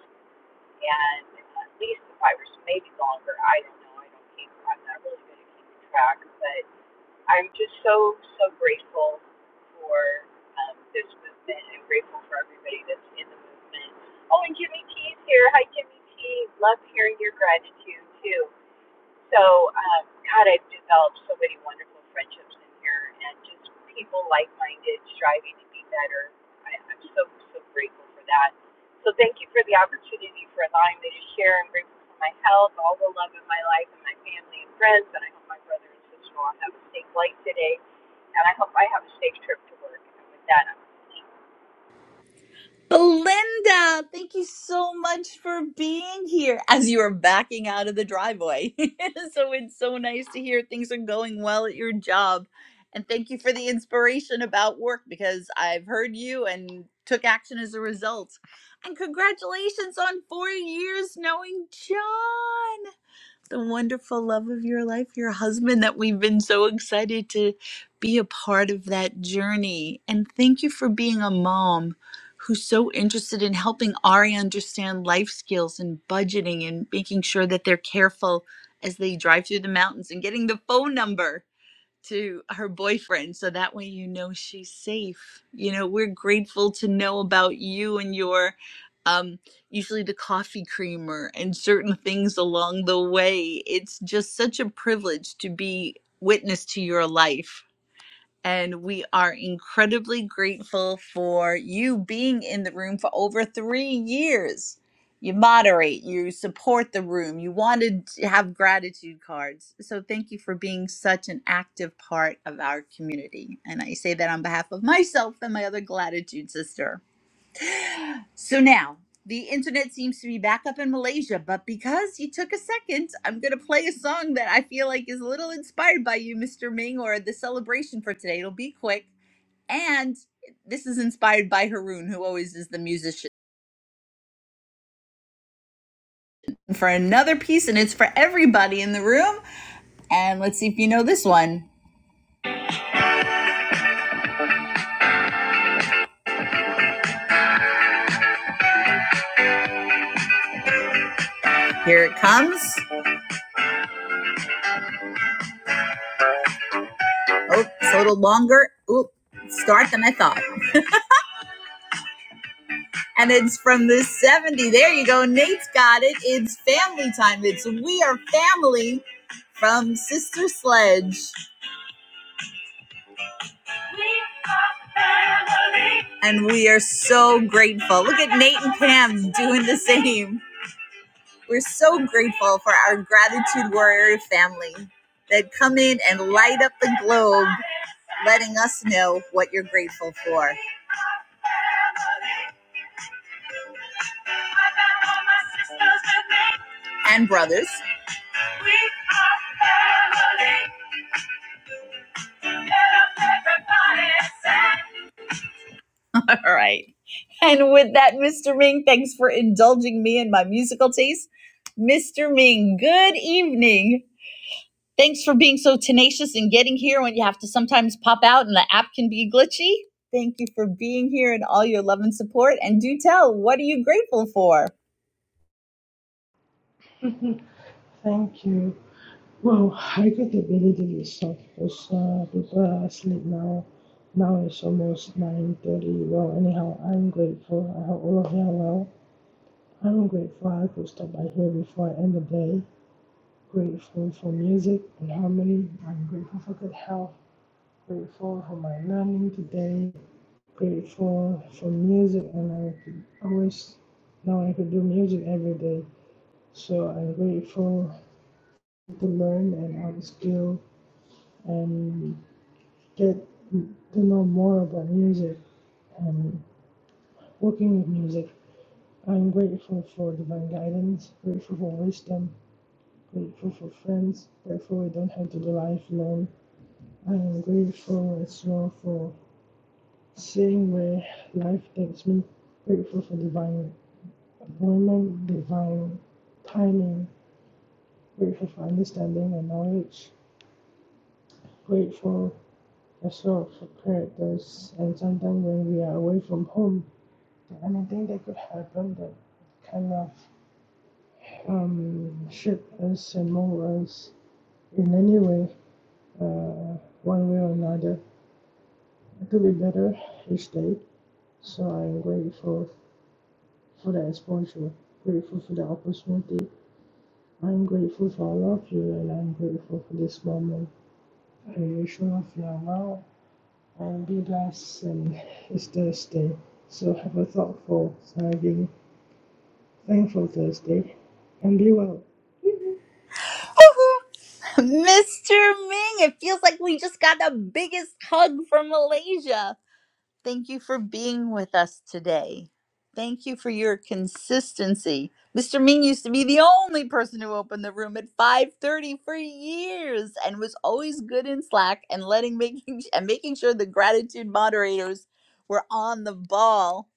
L: and at least five or so, maybe longer. I don't know. I don't keep. I'm not really good at keeping track, but I'm just so so grateful for um, this movement. I'm grateful for everybody that's in the movement. Oh, and Jimmy T's here. Hi, Jimmy T. Love hearing your gratitude too. So, um, God, I've developed so many wonderful friendships in here and just people like minded, striving to be better. I, I'm so, so grateful for that. So, thank you for the opportunity for allowing me to share. I'm grateful for my health, all the love in my life, and my family and friends. And I hope my brother and sister in law have a safe flight today. And I hope I have a safe trip to work. And with that, I'm
J: Belinda, thank you so much for being here as you are backing out of the driveway. so it's so nice to hear things are going well at your job. And thank you for the inspiration about work because I've heard you and took action as a result. And congratulations on four years knowing John, the wonderful love of your life, your husband that we've been so excited to be a part of that journey. And thank you for being a mom who's so interested in helping Ari understand life skills and budgeting and making sure that they're careful as they drive through the mountains and getting the phone number to her boyfriend so that way you know she's safe. You know, we're grateful to know about you and your um usually the coffee creamer and certain things along the way. It's just such a privilege to be witness to your life and we are incredibly grateful for you being in the room for over three years. You moderate, you support the room, you wanted to have gratitude cards. So, thank you for being such an active part of our community. And I say that on behalf of myself and my other gratitude sister. So, now the internet seems to be back up in Malaysia, but because you took a second, I'm going to play a song that I feel like is a little inspired by you, Mr. Ming, or the celebration for today. It'll be quick. And this is inspired by Haroon, who always is the musician for another piece, and it's for everybody in the room. And let's see if you know this one. Here it comes. Oh, it's a little longer. Oop, start than I thought. And it's from the '70s. There you go. Nate's got it. It's family time. It's We Are Family from Sister Sledge. And we are so grateful. Look at Nate and Pam doing the same. We're so grateful for our gratitude warrior family that come in and light up the globe, letting us know what you're grateful for. And brothers. We are family. All right. And with that, Mr. Ming, thanks for indulging me in my musical taste. Mr. Ming, good evening. Thanks for being so tenacious and getting here when you have to sometimes pop out and the app can be glitchy. Thank you for being here and all your love and support. And do tell, what are you grateful for?
M: Thank you. Well, I got a belly day itself because uh, people are asleep now. Now it's almost 9.30. Well, anyhow, I'm grateful. I hope all of you are well. I'm grateful I could stop by here before I end the day. Grateful for music and harmony. I'm grateful for good health. Grateful for my learning today. Grateful for music and I could always now I could do music every day. So I'm grateful to learn and upskill and get to know more about music and working with music. I'm grateful for divine guidance, grateful for wisdom, grateful for friends, grateful I don't have to do life alone. I am grateful as well for seeing where life takes me, grateful for divine appointment, divine timing, grateful for understanding and knowledge, grateful as well for characters, and sometimes when we are away from home, Anything that could happen that kind of um, shook us and mold us in any way, uh, one way or another, to be better each day. So I'm grateful for the exposure, grateful for the opportunity. I'm grateful for all of you, and I'm grateful for this moment. I wish all of you are well and be blessed. And it's Thursday, so have a thoughtful, thriving, thankful Thursday, and be well.
J: Mr. Ming, it feels like we just got the biggest hug from Malaysia. Thank you for being with us today. Thank you for your consistency. Mr. Ming used to be the only person who opened the room at 5:30 for years and was always good in Slack and letting making and making sure the gratitude moderators were on the ball.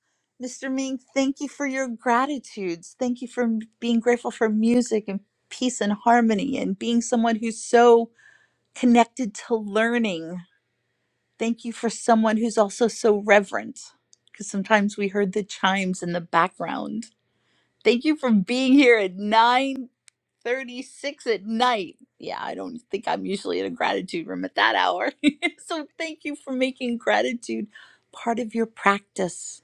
J: Mr. Ming, thank you for your gratitudes. Thank you for m- being grateful for music and peace and harmony and being someone who's so connected to learning Thank you for someone who's also so reverent, because sometimes we heard the chimes in the background. Thank you for being here at 9:36 at night. Yeah, I don't think I'm usually in a gratitude room at that hour. so thank you for making gratitude part of your practice.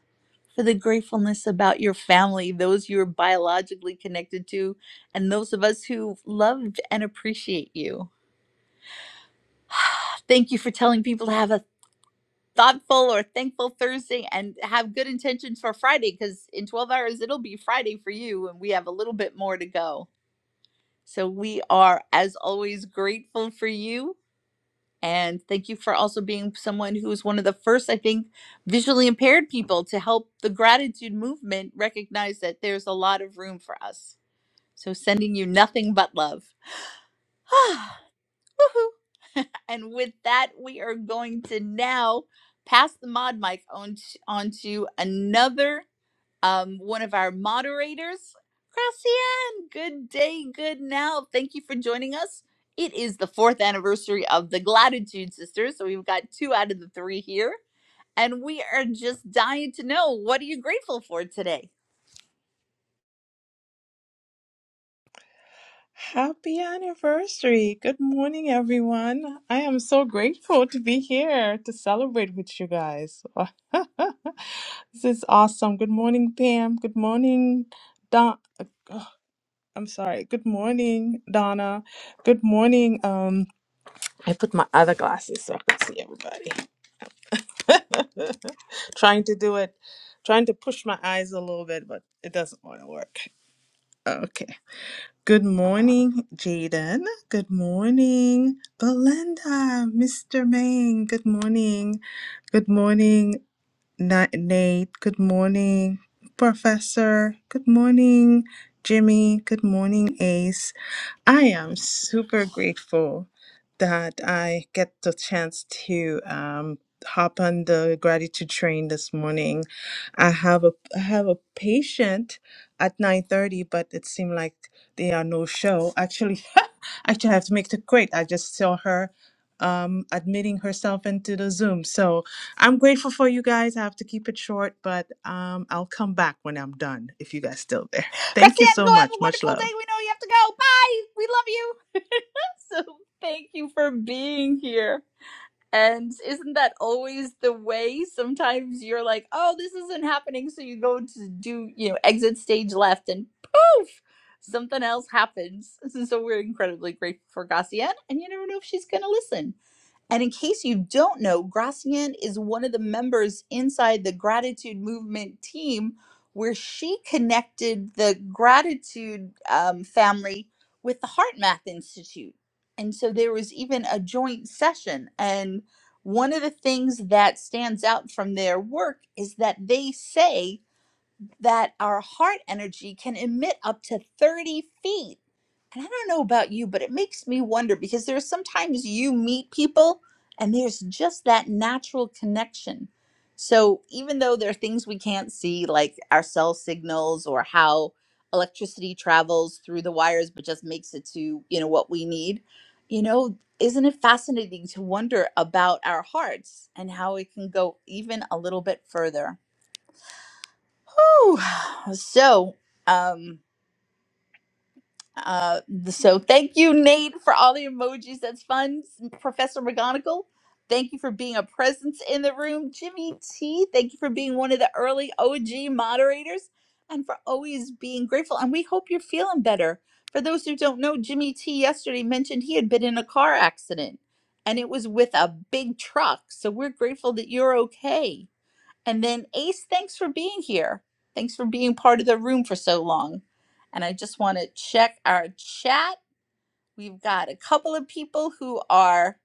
J: For the gratefulness about your family, those you're biologically connected to, and those of us who loved and appreciate you. Thank you for telling people to have a thoughtful or thankful Thursday and have good intentions for Friday because in 12 hours it'll be Friday for you and we have a little bit more to go. So we are, as always, grateful for you. And thank you for also being someone who was one of the first, I think, visually impaired people to help the gratitude movement recognize that there's a lot of room for us. So sending you nothing but love. Woohoo! and with that, we are going to now pass the mod mic on to, on to another um, one of our moderators, Gracian. Good day, good now. Thank you for joining us. It is the fourth anniversary of the Gratitude Sisters, so we've got two out of the three here, and we are just dying to know what are you grateful for today.
N: Happy anniversary. Good morning, everyone. I am so grateful to be here to celebrate with you guys. this is awesome. Good morning, Pam. Good morning, Don. uh, oh, I'm sorry. Good morning, Donna. Good morning. Um, I put my other glasses so I can see everybody. trying to do it, trying to push my eyes a little bit, but it doesn't want to work. Okay. Good morning, Jaden. Good morning, Belinda, Mr. Main. Good morning. Good morning, Na- Nate. Good morning, Professor. Good morning, Jimmy. Good morning, Ace. I am super grateful that I get the chance to um, hop on the gratitude train this morning. I have a I have a patient at 9:30, but it seemed like they are no show. Actually, actually, I have to make it quick. I just saw her um admitting herself into the zoom so i'm grateful for you guys i have to keep it short but um i'll come back when i'm done if you guys still there thank you
J: Gracian,
N: so
J: go have a
N: much much
J: wonderful
N: love
J: day. We know you have to go. Bye. We love you. so thank you for being here. And isn't that always the way? Sometimes you're like, oh, this isn't happening. So you go to do, you know, exit stage left and poof, something else happens. So we're incredibly grateful for Gracianne. And you never know if she's going to listen. And in case you don't know, Gracian is one of the members inside the gratitude movement team, where she connected the gratitude um, family with the Heart Math Institute. And so there was even a joint session. And one of the things that stands out from their work is that they say, that our heart energy can emit up to 30 feet. And I don't know about you, but it makes me wonder because there's sometimes you meet people and there's just that natural connection. So even though there are things we can't see, like our cell signals or how electricity travels through the wires, but just makes it to, you know, what we need, you know, isn't it fascinating to wonder about our hearts and how it can go even a little bit further? Whew. So, um, uh, so thank you, Nate, for all the emojis. That's fun, Professor McGonagall. Thank you for being a presence in the room, Jimmy T. Thank you for being one of the early OG moderators, and for always being grateful. And we hope you're feeling better. For those who don't know, Jimmy T. yesterday mentioned he had been in a car accident, and it was with a big truck. So we're grateful that you're okay and then Ace, thanks for being here. Thanks for being part of the room for so long. And I just want to check our chat. We've got a couple of people who are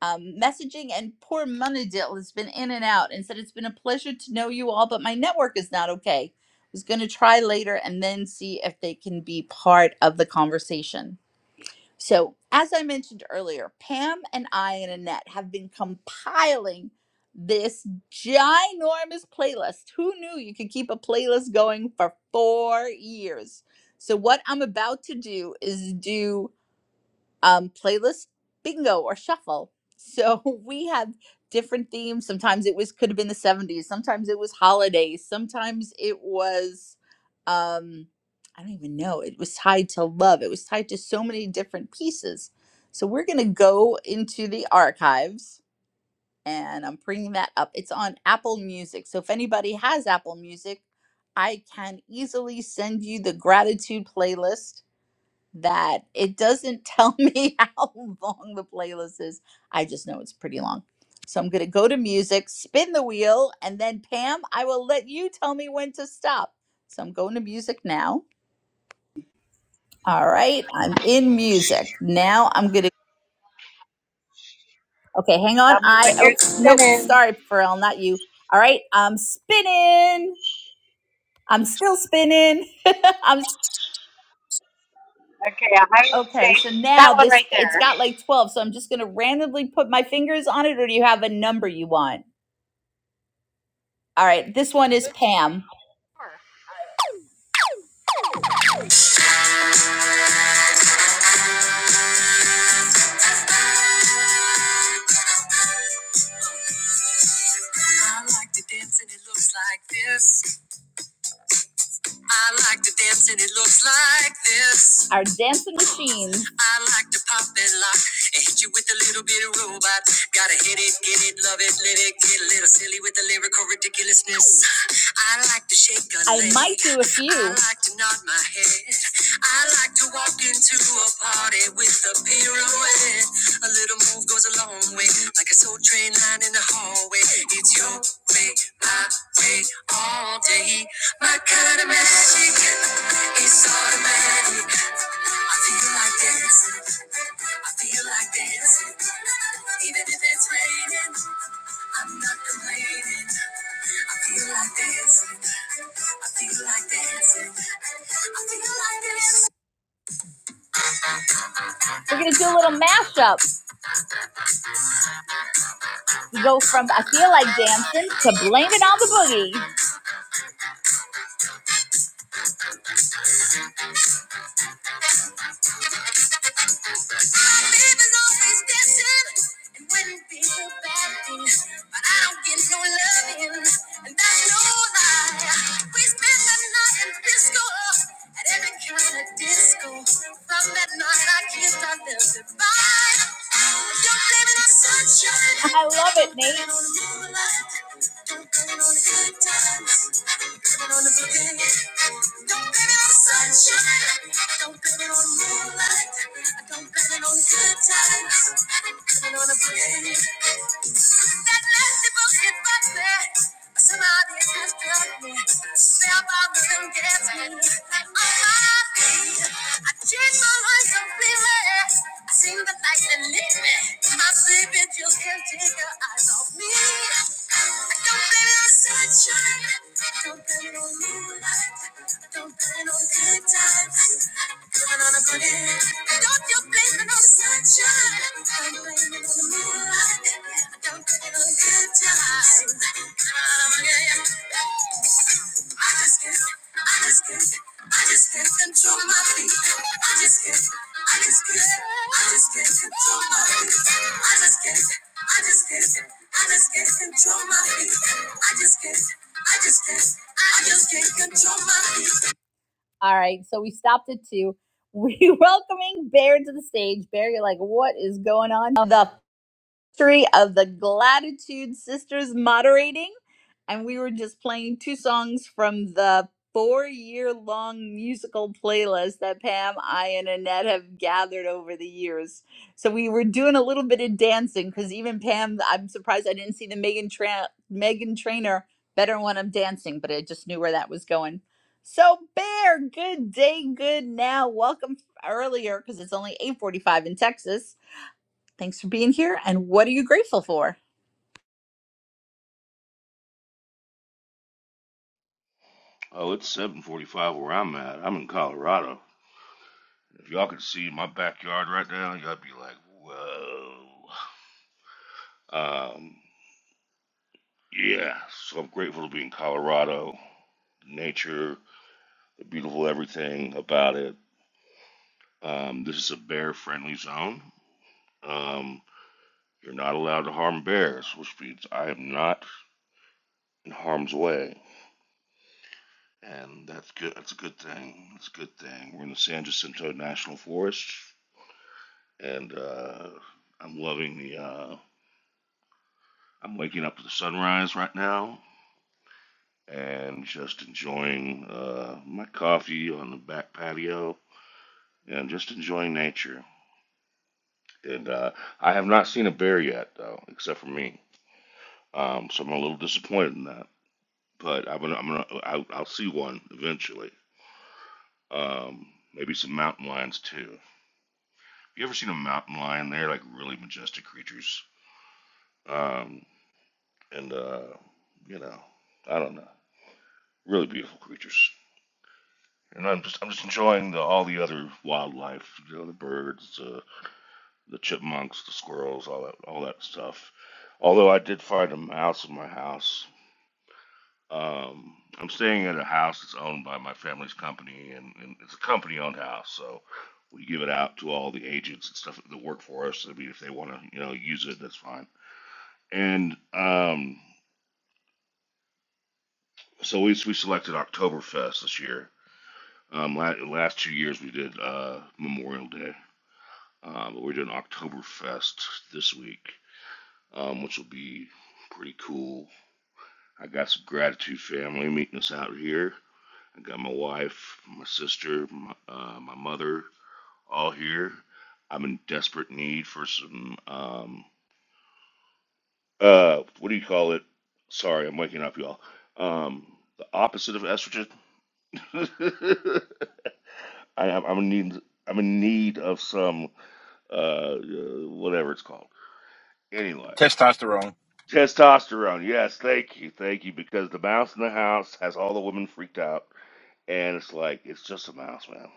J: um, messaging, and poor Munadil has been in and out and said, It's been a pleasure to know you all, but my network is not okay. I was going to try later and then see if they can be part of the conversation. So, as I mentioned earlier, Pam and I and Annette have been compiling this ginormous playlist. Who knew you could keep a playlist going for four years? So, what I'm about to do is do um, playlist bingo or shuffle. So we had different themes. Sometimes it was could have been the 70s, sometimes it was holidays, sometimes it was um I don't even know. It was tied to love. It was tied to so many different pieces. So we're going to go into the archives and I'm bringing that up. It's on Apple Music. So if anybody has Apple Music, I can easily send you the gratitude playlist that it doesn't tell me how long the playlist is. I just know it's pretty long. So I'm going to go to music, spin the wheel, and then Pam, I will let you tell me when to stop. So I'm going to music now. All right, I'm in music. Now I'm going to Okay, hang on.
A: Tell me
J: I
A: when you're
J: oh nope,
A: spinning.
J: sorry Pharrell, not you. All right, I'm spinning. I'm still spinning. I'm
A: Okay, I will
J: Okay,
A: take
J: so
A: that
J: now
A: one
J: this
A: right
J: it's
A: there.
J: got like 12, so I'm just going to randomly put my fingers on it or do you have a number you want? All right, this one is Pam. I like to dance and it looks like this. I like to dance and it looks like this. Our dancing machine. I like to pop and lock and hit you with a little bit of robot. Gotta hit it, get it, love it, let it get a little silly with the lyrical ridiculousness. I like to shake a I leg. might do a few. I like to nod my head. I like to walk into a party with a pirouette. A little move goes a long way, like a soul train line in the hallway. It's your way, my way, all day. My kind of magic is automatic. I feel like dancing. I feel like dancing. Even if it's raining, I'm not complaining. I feel like dancing. I feel like dancing. I feel like dancing. We're gonna do a little mashup. We go from I feel like dancing to blame it on the boogie. so no no I love it, Nate. Don't blame on the good times. do on the boogie. Don't blame on the sunshine. Don't blame on the moonlight. Don't blame on the good times. Blame on the boogie. That lefty boogie bumpy. Somebody just drug me. Step out gets me. On my feet. I change my life completely. I seen the light that lit me. My sleeping pills can not take your eyes off me. I don't feel such sunshine. Don't blame it on you. Don't blame it on good times. Living on a good end. Don't you blame it on the sunshine. Don't blame it on the moonlight. Don't blame it on the good times. Living on a good end. I just can't, I just can't, I just can't control my feet. I just can't, I just can't, I just can't control my feet. I just can't, I just can't, I just can't control my feet. I just can't. I just can't, I just can't control my All right, so we stopped at two. We welcoming Bear to the stage. Bear, you're like, what is going on? The history of the Gratitude Sisters moderating, and we were just playing two songs from the four year long musical playlist that Pam, I, and Annette have gathered over the years. So we were doing a little bit of dancing because even Pam, I'm surprised I didn't see the Megan, Tra- Megan Trainer better when I'm dancing, but I just knew where that was going. So Bear, good day, good now. Welcome earlier because it's only 8:45 in Texas. Thanks for being here. And what are you grateful for?
O: Oh, it's 7:45 where I'm at. I'm in Colorado. If y'all could see my backyard right now, y'all be like, "Whoa." Um, yeah. So I'm grateful to be in Colorado. The Nature, the beautiful everything about it. Um, this is a bear-friendly zone. Um, you're not allowed to harm bears, which means I am not in harm's way, and that's good. That's a good thing. That's a good thing. We're in the San Jacinto National Forest, and uh, I'm loving the. Uh, I'm waking up with the sunrise right now and just enjoying uh, my coffee on the back patio and just enjoying nature. And uh, I have not seen a bear yet, though, except for me. Um, so I'm a little disappointed in that. But I'm gonna, I'm gonna, I'll, I'll see one eventually. Um, maybe some mountain lions too. Have you ever seen a mountain lion? They're like really majestic creatures. Um, and uh, you know, I don't know, really beautiful creatures. And I'm just I'm just enjoying the all the other wildlife, you know, the birds, uh, the chipmunks, the squirrels, all that all that stuff. Although I did find a mouse in my house. Um, I'm staying at a house that's owned by my family's company, and, and it's a company-owned house, so we give it out to all the agents and stuff that work for us. I mean, if they want to, you know, use it, that's fine. And um, so we we selected Oktoberfest this year. Um, last, last two years we did uh, Memorial Day Um, but we're doing Oktoberfest this week, um, which will be pretty cool. I got some gratitude family meeting us out here. I got my wife, my sister, my, uh, my mother, all here. I'm in desperate need for some, um, uh, what do you call it? Sorry, I'm waking up, y'all. Um, the opposite of estrogen. I, I'm in need. I'm in need of some, uh, uh, whatever it's called. Anyway,
P: Testosterone.
O: Testosterone. Yes, thank you, thank you. Because the mouse in the house has all the women freaked out, and it's like it's just a mouse, man.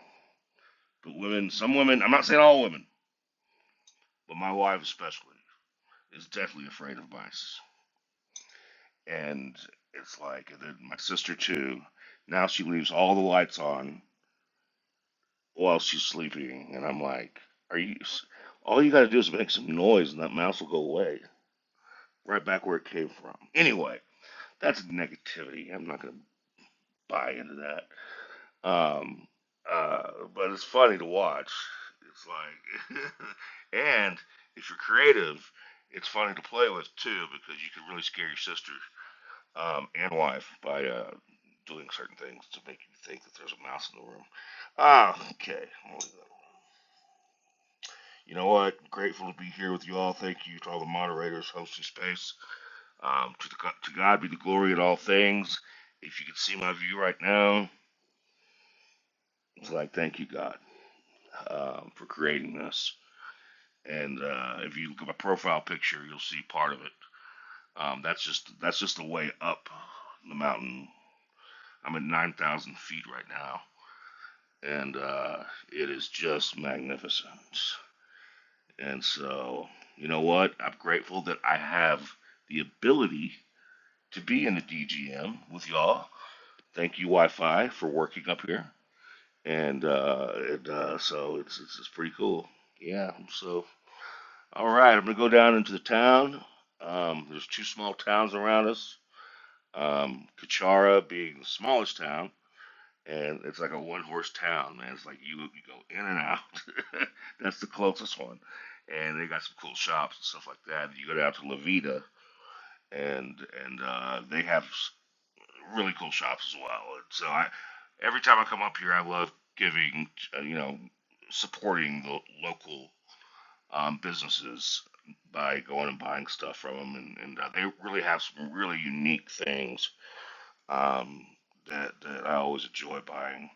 O: But women, some women. I'm not saying all women, but my wife especially is definitely afraid of mice, and it's like and then my sister too. Now she leaves all the lights on while she's sleeping, and I'm like, are you? All you gotta do is make some noise, and that mouse will go away, right back where it came from. Anyway, that's negativity. I'm not gonna buy into that. Um, uh, but it's funny to watch. It's like, and if you're creative, it's funny to play with too because you can really scare your sister um, and wife by uh, doing certain things to make you think that there's a mouse in the room. Ah, okay. I'll leave that alone. You know what? Grateful to be here with you all. Thank you to all the moderators hosting space. Um, to, the, to God be the glory in all things. If you could see my view right now, it's like, thank you, God, um, for creating this. and uh, if you look at my profile picture, you'll see part of it. Um, that's just that's just the way up the mountain. I'm at 9,000 feet right now, and uh, it is just magnificent. And so, you know what? I'm grateful that I have the ability to be in the DGM with y'all. Thank you, Wi-Fi, for working up here. And, uh, and uh, so it's, it's it's pretty cool. Yeah. So All right, I'm gonna go down into the town. Um, there's two small towns around us. Um, Kachara being the smallest town, and it's like a one-horse town, man. It's like you you go in and out. That's the closest one, and they got some cool shops and stuff like that. You go down to Levita, and and uh, they have really cool shops as well. And so I, every time I come up here, I love giving, uh, you know, supporting the local um, businesses by going and buying stuff from them, and, and uh, they really have some really unique things um, that that I always enjoy buying,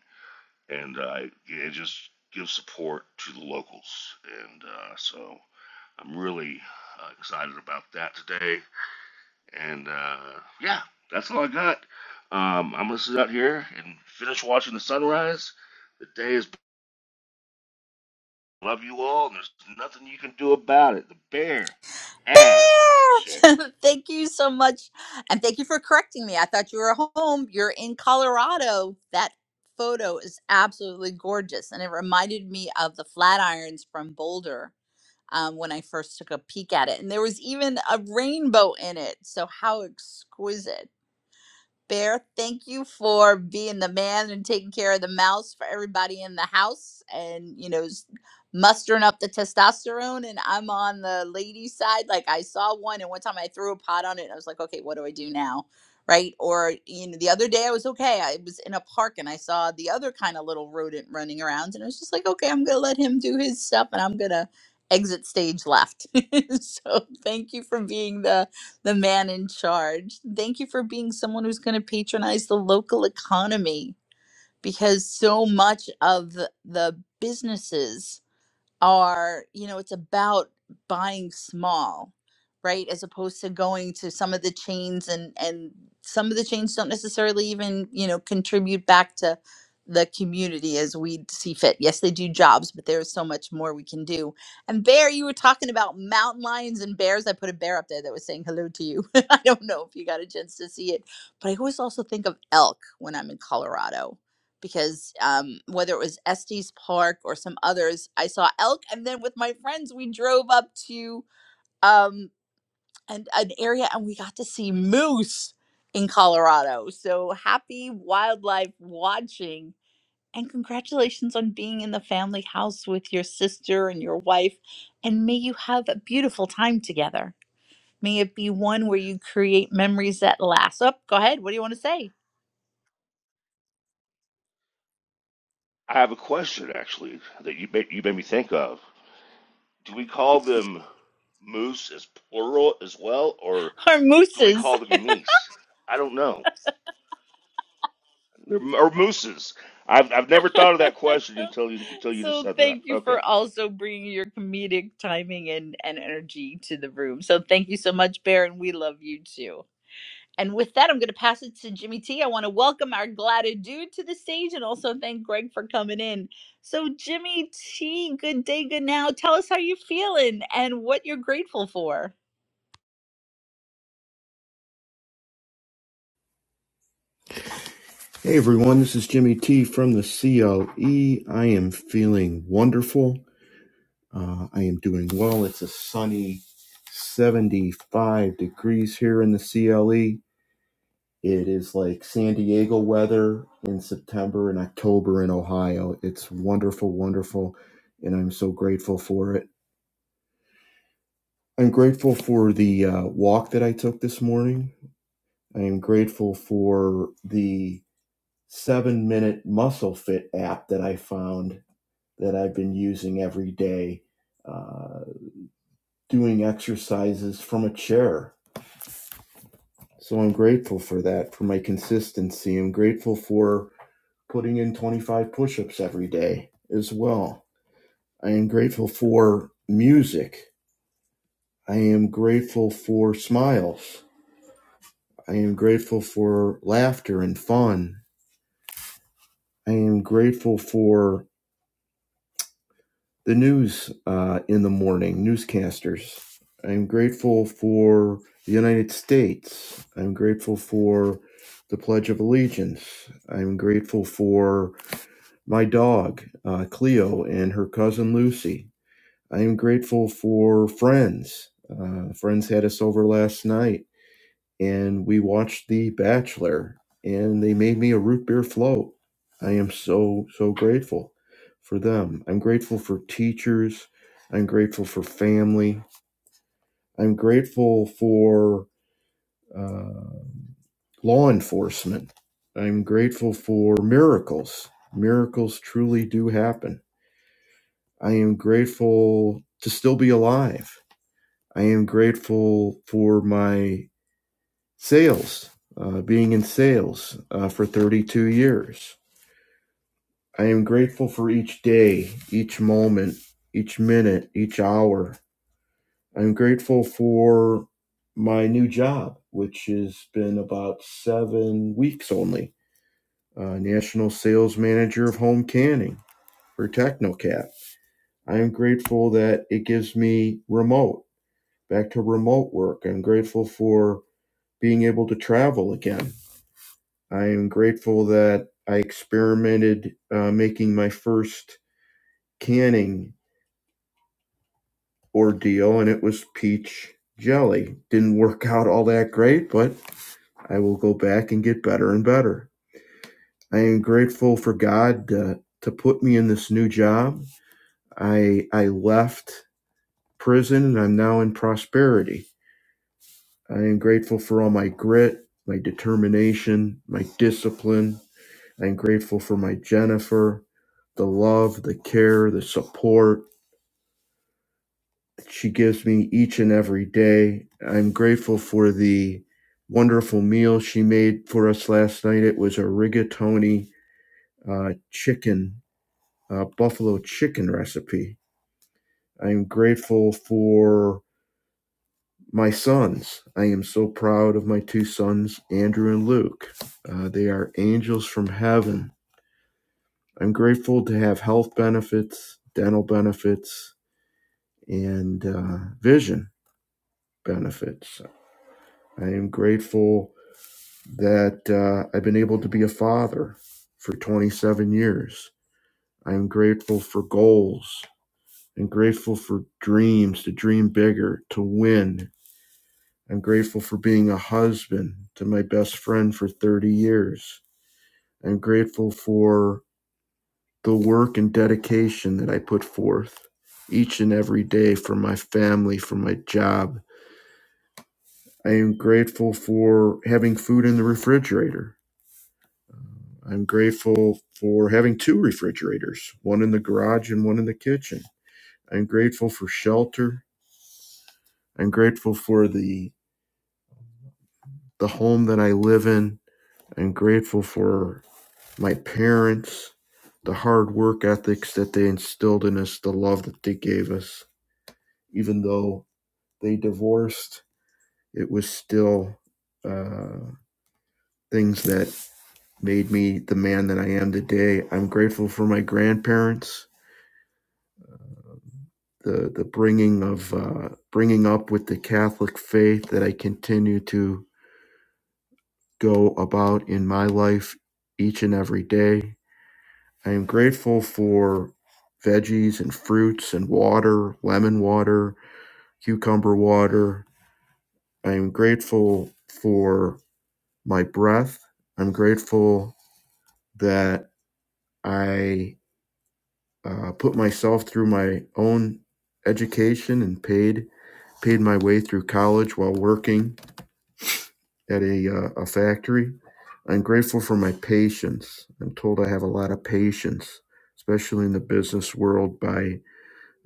O: and uh, it just gives support to the locals, and uh, so I'm really uh, excited about that today, and uh, yeah, that's all I got. Um, I'm gonna sit out here and finish watching the sunrise. The day is love you all, and there's nothing you can do about it. The bear has shared.
J: Bear! thank you so much. And thank you for correcting me. I thought you were home. You're in Colorado. That photo is absolutely gorgeous. And it reminded me of the Flatirons from Boulder um, when I first took a peek at it. And there was even a rainbow in it. So, how exquisite. Bear, thank you for being the man and taking care of the mouse for everybody in the house and, you know, s- mustering up the testosterone. And I'm on the lady side. Like, I saw one, and one time I threw a pot on it, and I was like, okay, what do I do now? Right. Or, you know, the other day I was okay. I was in a park and I saw the other kind of little rodent running around, and I was just like, okay, I'm going to let him do his stuff and I'm going to exit stage left. so, thank you for being the the man in charge. Thank you for being someone who's going to patronize the local economy because so much of the, businesses are you know it's about buying small right as opposed to going to some of the chains and and some of the chains don't necessarily even you know contribute back to the community as we see fit yes they do jobs but there's so much more we can do and bear you were talking about mountain lions and bears i put a bear up there that was saying hello to you i don't know if you got a chance to see it but i always also think of elk when i'm in colorado because um, whether it was Estes Park or some others, I saw elk. And then with my friends, we drove up to um, an, an area and we got to see moose in Colorado. So happy wildlife watching. And congratulations on being in the family house with your sister and your wife. And may you have a beautiful time together. May it be one where you create memories that last. Up, go ahead. What do you want to say?
O: I have a question actually that you made, you made me think of. Do we call them moose as plural as well, or
J: Our
O: do we
J: mooses.
O: call them meese? I don't know. Or mooses. I've I've never thought of that question until you until you just
J: So
O: said that.
J: thank you
O: Okay.
J: for also bringing your comedic timing and, and energy to the room. So thank you so much, Baron. we love you too. And with that, I'm going to pass it to Jimmy T. I want to welcome our glad dude to the stage and also thank Greg for coming in. So Jimmy T, good day, good now. Tell us how you're feeling and what you're grateful for.
Q: Hey everyone, this is Jimmy T from the CLE. I am feeling wonderful. Uh, I am doing well. It's a sunny 75 degrees here in the CLE. It is like San Diego weather in September and October in Ohio. It's wonderful, wonderful, and I'm so grateful for it. I'm grateful for the uh, walk that I took this morning. I am grateful for the seven minute muscle fit app that I found that I've been using every day, uh, doing exercises from a chair. So I'm grateful for that, for my consistency. I'm grateful for putting in 25 push ups every day as well. I am grateful for music. I am grateful for smiles. I am grateful for laughter and fun. I am grateful for the news uh, in the morning, newscasters. I'm grateful for the United States. I'm grateful for the Pledge of Allegiance. I'm grateful for my dog, uh, Cleo, and her cousin Lucy. I am grateful for friends. Uh, friends had us over last night and we watched The Bachelor, and they made me a root beer float. I am so, so grateful for them. I'm grateful for teachers. I'm grateful for family. I'm grateful for uh, law enforcement. I'm grateful for miracles. Miracles truly do happen. I am grateful to still be alive. I am grateful for my sales, uh, being in sales uh, for 32 years. I am grateful for each day, each moment, each minute, each hour. I'm grateful for my new job, which has been about seven weeks only. Uh, National Sales Manager of Home Canning for Technocat. I am grateful that it gives me remote, back to remote work. I'm grateful for being able to travel again I am grateful that I experimented uh, making my first canning ordeal, and it was peach jelly. Didn't work out all that great, but I will go back and get better and better. I am grateful for God to to put me in this new job. I I left prison and I'm now in prosperity. I am grateful for all my grit, my determination, my discipline, I'm grateful for my Jennifer, the love, the care, the support she gives me each and every day. I'm grateful for the wonderful meal she made for us last night. It was a rigatoni uh, chicken, uh, buffalo chicken recipe. I'm grateful for my sons. I am so proud of my two sons, Andrew and Luke. Uh, they are angels from heaven. I'm grateful to have health benefits, dental benefits, and uh, vision benefits. I am grateful that uh, I've been able to be a father for 27 years. I am grateful for goals and grateful for dreams to dream bigger, to win. I'm grateful for being a husband to my best friend for 30 years. I'm grateful for the work and dedication that I put forth each and every day for my family, for my job, I am grateful for having food in the refrigerator. I'm grateful for having two refrigerators, one in the garage and one in the kitchen. I'm grateful for shelter. I'm grateful for the the home that I live in. I'm grateful for my parents, the hard work ethics that they instilled in us, the love that they gave us. Even though they divorced, it was still uh, things that made me the man that I am today. I'm grateful for my grandparents, the the bringing of uh, bringing up with the Catholic faith that I continue to go about in my life each and every day. I am grateful for veggies and fruits and water, lemon water, cucumber water. I am grateful for my breath. I'm grateful that I uh, put myself through my own education and paid paid my way through college while working at a uh, a factory. I'm grateful for my patience. I'm told I have a lot of patience, especially in the business world by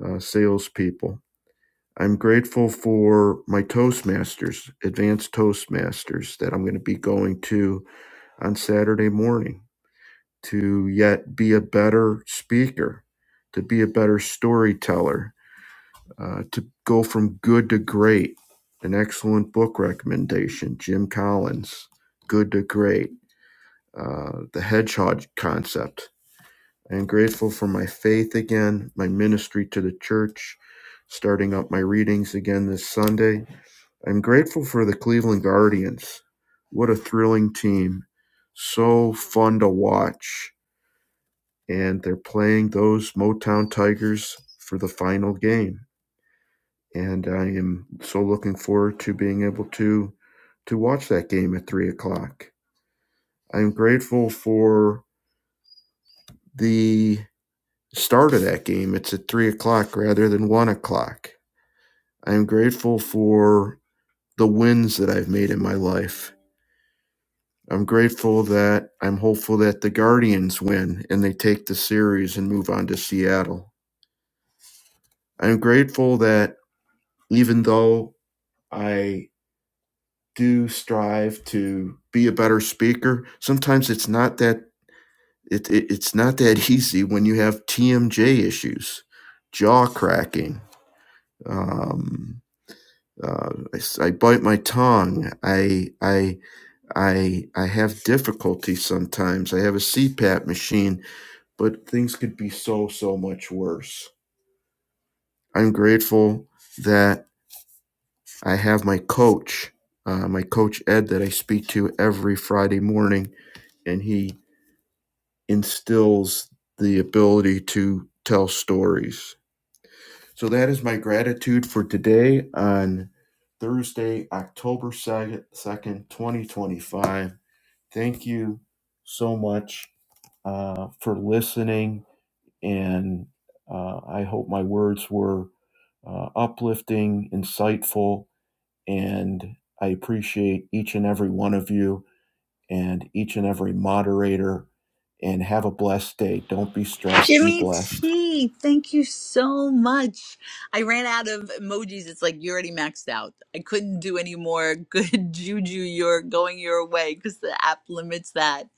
Q: uh, salespeople. I'm grateful for my Toastmasters, advanced Toastmasters, that I'm going to be going to on Saturday morning to yet be a better speaker, to be a better storyteller, uh, to go from good to great. An excellent book recommendation, Jim Collins, Good to Great, uh, The Hedgehog Concept. I am grateful for my faith again, my ministry to the church, starting up my readings again this Sunday. I'm grateful for the Cleveland Guardians. What a thrilling team. So fun to watch. And they're playing those Motown Tigers for the final game and I am so looking forward to being able to to watch that game at three o'clock. I'm grateful for the start of that game. It's at three o'clock rather than one o'clock. I'm grateful for the wins that I've made in my life. I'm grateful that I'm hopeful that the Guardians win and they take the series and move on to Seattle. I'm grateful that even though I do strive to be a better speaker. Sometimes it's not that it, it it's not that easy when you have TMJ issues, jaw cracking. Um, uh, I, s- I bite my tongue. I I I I have difficulty sometimes. I have a CPAP machine, but things could be so so much worse. I'm grateful that I have my coach, uh, my coach Ed, that I speak to every Friday morning and he instills the ability to tell stories. So that is my gratitude for today on Thursday, October 2nd, 2nd, 2025. Thank you so much uh, for listening. And uh, I hope my words were uh, uplifting, insightful, and I appreciate each and every one of you and each and every moderator. And have a blessed day. Don't be stressed. Be
J: Jimmy
Q: blessed.
J: T, thank you so much. I ran out of emojis. It's like you already maxed out. I couldn't do any more good juju. You're going your way because the app limits that.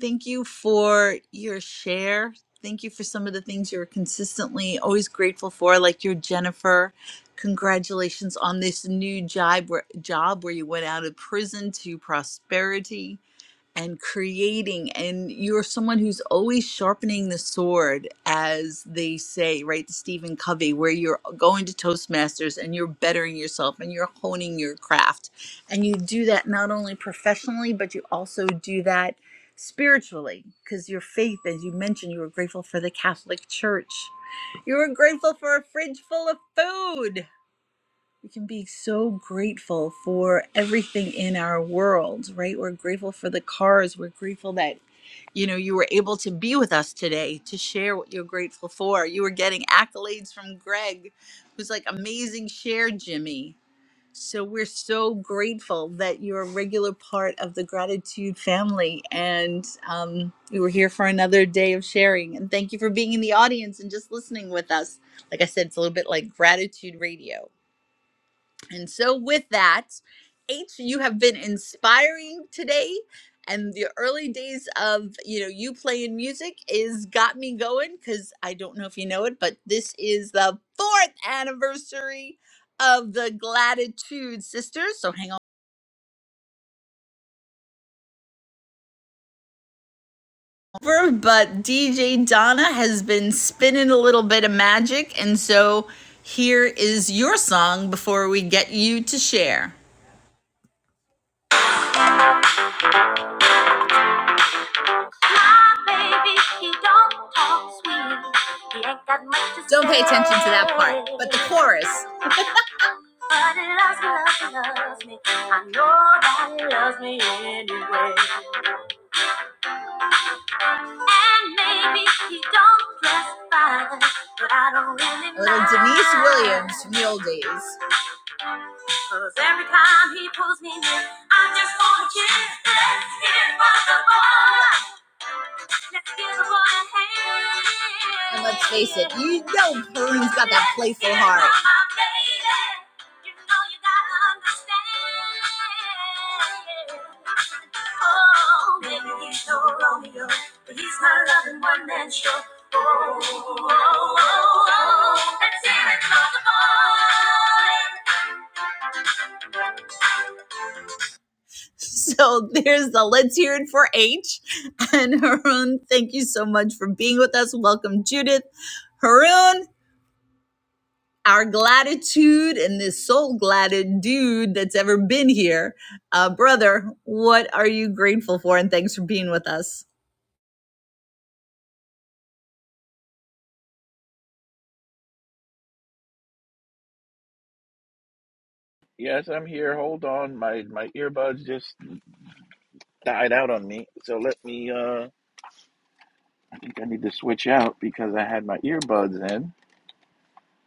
J: Thank you for your share. Thank you for some of the things you're consistently always grateful for, like your Jennifer. Congratulations on this new job where, job where you went out of prison to prosperity and creating and you're someone who's always sharpening the sword as they say right to stephen covey where you're going to toastmasters and you're bettering yourself and you're honing your craft and you do that not only professionally but you also do that spiritually because your faith as you mentioned you were grateful for the catholic church you were grateful for a fridge full of food we can be so grateful for everything in our world, right? We're grateful for the cars. We're grateful that, you know, you were able to be with us today to share what you're grateful for. You were getting accolades from Greg, who's like, amazing share, Jimmy. So we're so grateful that you're a regular part of the gratitude family. And um, you were here for another day of sharing. And thank you for being in the audience and just listening with us. Like I said, it's a little bit like gratitude radio and so, with that, H, you have been inspiring today. And the early days of you know you playing music is got me going because I don't know if you know it, but this is the fourth anniversary of the Gratitude Sisters. So hang on over. But DJ Donna has been spinning a little bit of magic, and so here is your song before we get you to share. Don't pay attention to that part, but the chorus. But he loves me, loves loves me. I know that he loves me anyway. And maybe he don't dress fine, but I don't really mind. Little Denise Williams, Mule Days. 'Cause every time he pulls me near, I just wanna kiss. It's impossible. And let's face it, you know Kareem's got that playful heart. Oh, no Oh, oh, oh, oh, let's hear it for the boy. So there's the let's hear it for H. And Haroon, thank you so much for being with us. Welcome, Judith. Haroon, our gratitude and this soul gladded dude that's ever been here. Uh, brother, what are you grateful for? And thanks for being with us.
P: Yes, I'm here. Hold on. My my earbuds just died out on me. So let me uh I think I need to switch out because I had my earbuds in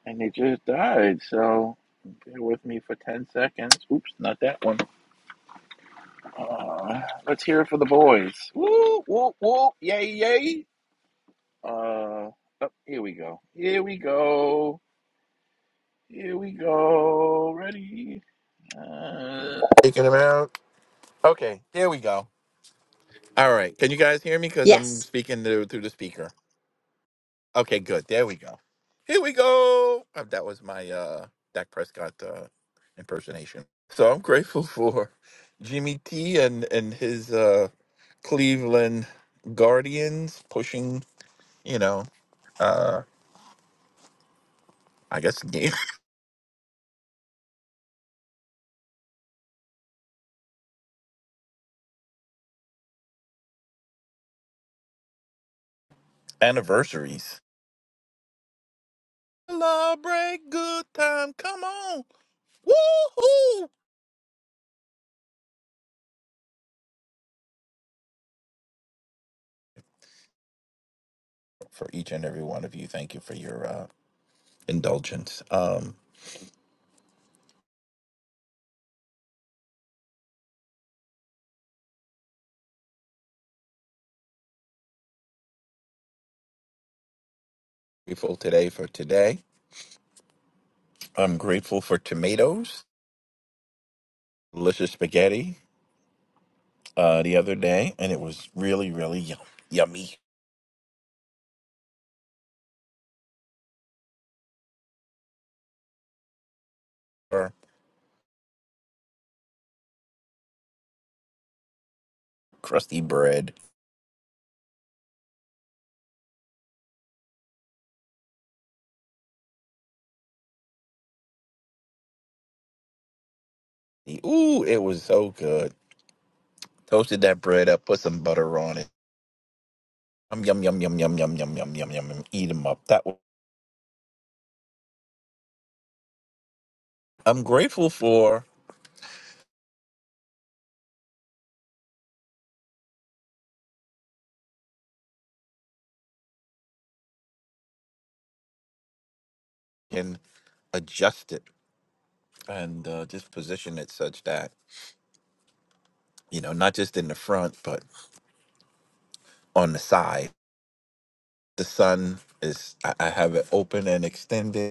P: and they just died. So bear with me for 10 seconds. Oops, not that one. Uh, let's hear it for the boys. Woo, woo, woo. Yay, yay. Uh oh, here we go. Here we go. Here we go. Ready? Uh, Taking them out. Okay, here we go. All right. Can you guys hear me? Because I'm
J: Yes.
P: speaking through, through the speaker. Okay, good. There we go. Here we go. Uh, That was my uh, Dak Prescott uh, impersonation. So I'm grateful for Jimmy T and, and his uh, Cleveland Guardians pushing, you know, uh, I guess anniversaries. Celebrate good time. Come on. Woohoo! For each and every one of you, thank you for your uh, indulgence. Um, grateful today for today. I'm grateful for tomatoes, delicious spaghetti uh, the other day, and it was really, really yum- yummy. Or Crusty bread. Ooh, it was so good. Toasted that bread up, put some butter on it. Um, yum, yum, yum, yum, yum, yum, yum, yum, yum, yum. Eat them up. That was, I'm grateful for and adjust it and uh, just position it such that, you know, not just in the front, but on the side. The sun is, I, I have it open and extended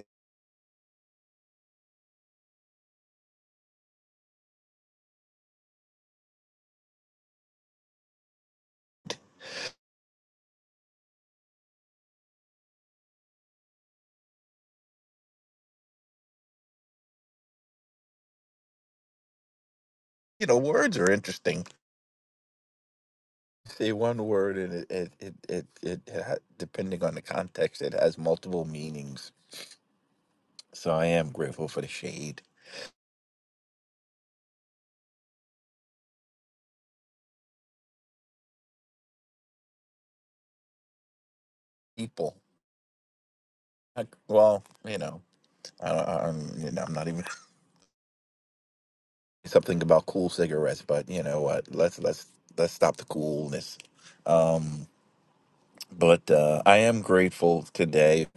P: you know, words are interesting. Say one word, and it it it it, it ha- depending on the context, it has multiple meanings. So I am grateful for the shade people. I, well, you know, I, I- I'm you know, I'm not even something about cool cigarettes, but you know what? Let's let's let's stop the coolness. Um, but uh, I am grateful today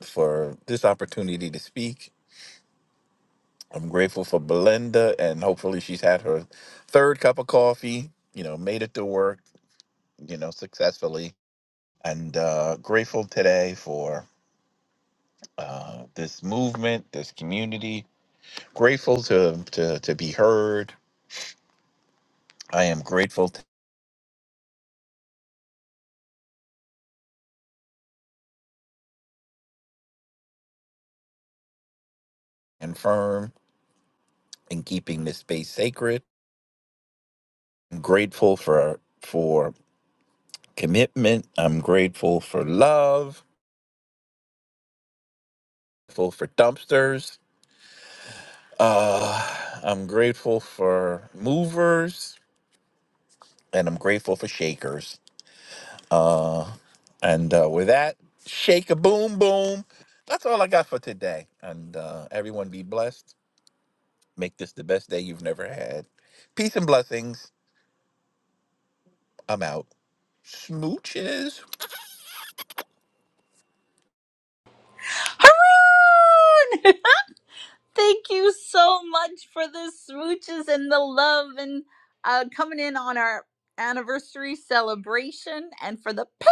P: for this opportunity to speak. I'm grateful for Belinda, and hopefully she's had her third cup of coffee. You know, made it to work you know, successfully. And uh, grateful today for uh, this movement, this community. Grateful to, to to be heard. I am grateful to and firm in keeping this space sacred. I'm grateful for for commitment. I'm grateful for love. Grateful for dumpsters. Uh, I'm grateful for movers, and I'm grateful for shakers. Uh, And uh, with that, shake a boom boom. That's all I got for today. And uh, everyone be blessed. Make this the best day you've never had. Peace and blessings. I'm out. Smooches.
J: Haroon! Thank you so much for the smooches and the love and uh, coming in on our anniversary celebration and for the ping.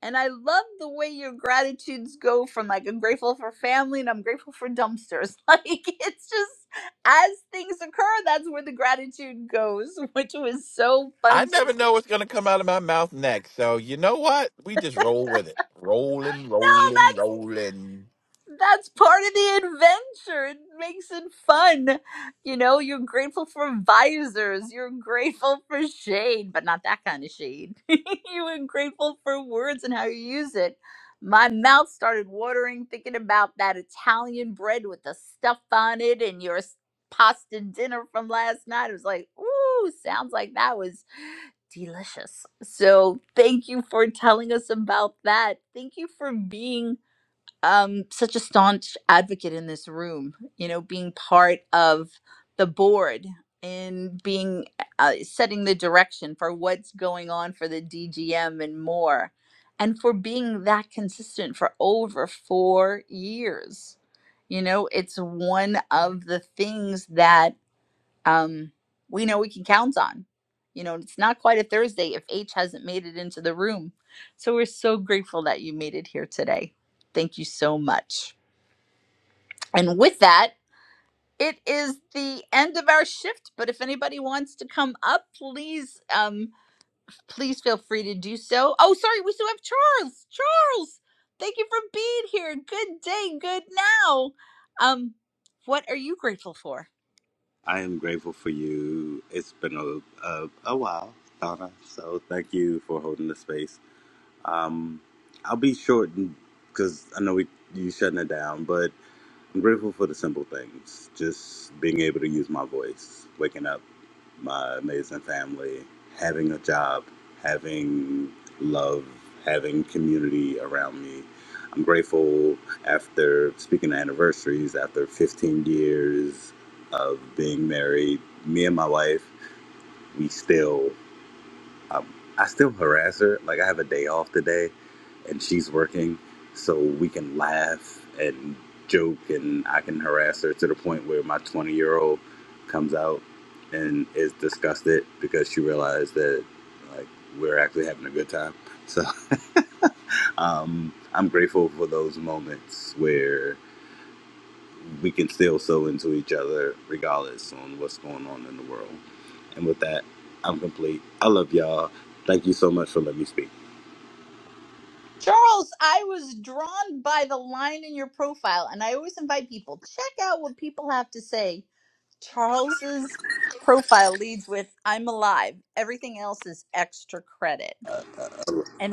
J: And I love the way your gratitudes go from like I'm grateful for family and I'm grateful for dumpsters. Like it's just as things occur, that's where the gratitude goes, which was so
P: I
J: fun to
P: never know what's going to come out of my mouth next. So you know what? We just roll with it. Rolling,
J: No,
P: rolling, rolling.
J: that's part of the adventure. It makes it fun. You know, you're grateful for visors, you're grateful for shade, but not that kind of shade. you were grateful for words and how you use it. My mouth started watering thinking about that Italian bread with the stuff on it and your s- pasta dinner from last night. It was like, ooh, sounds like that was delicious. So, thank you for telling us about that. Thank you for being um, such a staunch advocate in this room, you know, being part of the board and being uh, setting the direction for what's going on for the DGM and more, and for being that consistent for over four years. You know, it's one of the things that um, we know we can count on. You know, it's not quite a Thursday if H hasn't made it into the room. So we're so grateful that you made it here today. Thank you so much. And with that, it is the end of our shift. But if anybody wants to come up, please, um, please feel free to do so. Oh, sorry, we still have Charles. Charles, thank you for being here. Good day, good now. Um, what are you grateful for?
R: I am grateful for you. It's been a, a, a while, Donna. So thank you for holding the space. Um, I'll be short because I know we you shutting it down, but I'm grateful for the simple things. Just being able to use my voice, waking up my amazing family, having a job, having love, having community around me. I'm grateful after speaking of anniversaries, after 15 years of being married, me and my wife, we still, um, I still harass her. Like I have a day off today and she's working, so we can laugh and joke, and I can harass her to the point where my 20 year old comes out and is disgusted because she realized that like we're actually having a good time. So um, I'm grateful for those moments where we can still sew into each other regardless on what's going on in the world. And with that, I'm complete. I love y'all. Thank you so much for letting me speak.
J: Charles, I was drawn by the line in your profile, and I always invite people check out what people have to say. Charles's profile leads with "I'm alive." Everything else is extra credit.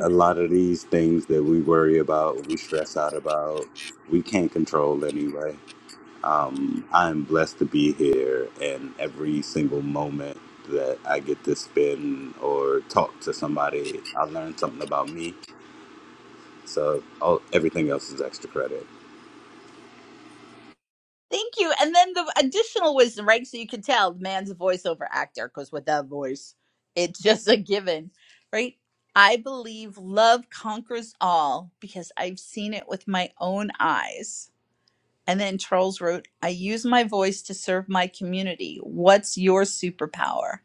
R: a lot of these things that we worry about, we stress out about, we can't control anyway. I'm blessed to be here, and every single moment that I get to spend or talk to somebody, I learn something about me. So all, everything else is extra credit.
J: thank you. And then the additional wisdom, right? So you can tell the man's a voiceover actor because with that voice, it's just a given, right? I believe love conquers all because I've seen it with my own eyes And then Charles wrote, I use my voice to serve my community. What's your superpower?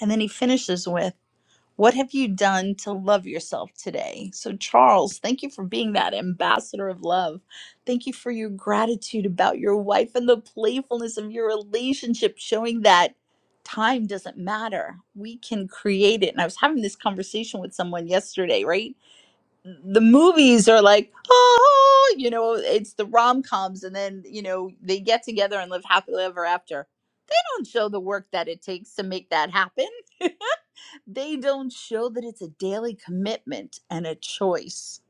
J: And then he finishes with, What have you done to love yourself today? So, Charles, thank you for being that ambassador of love. Thank you for your gratitude about your wife and the playfulness of your relationship, showing that time doesn't matter. We can create it. And I was having this conversation with someone yesterday, right? the movies are like, oh, you know, it's the rom coms, and then you know they get together and live happily ever after. They don't show the work that it takes to make that happen. They don't show that it's a daily commitment and a choice,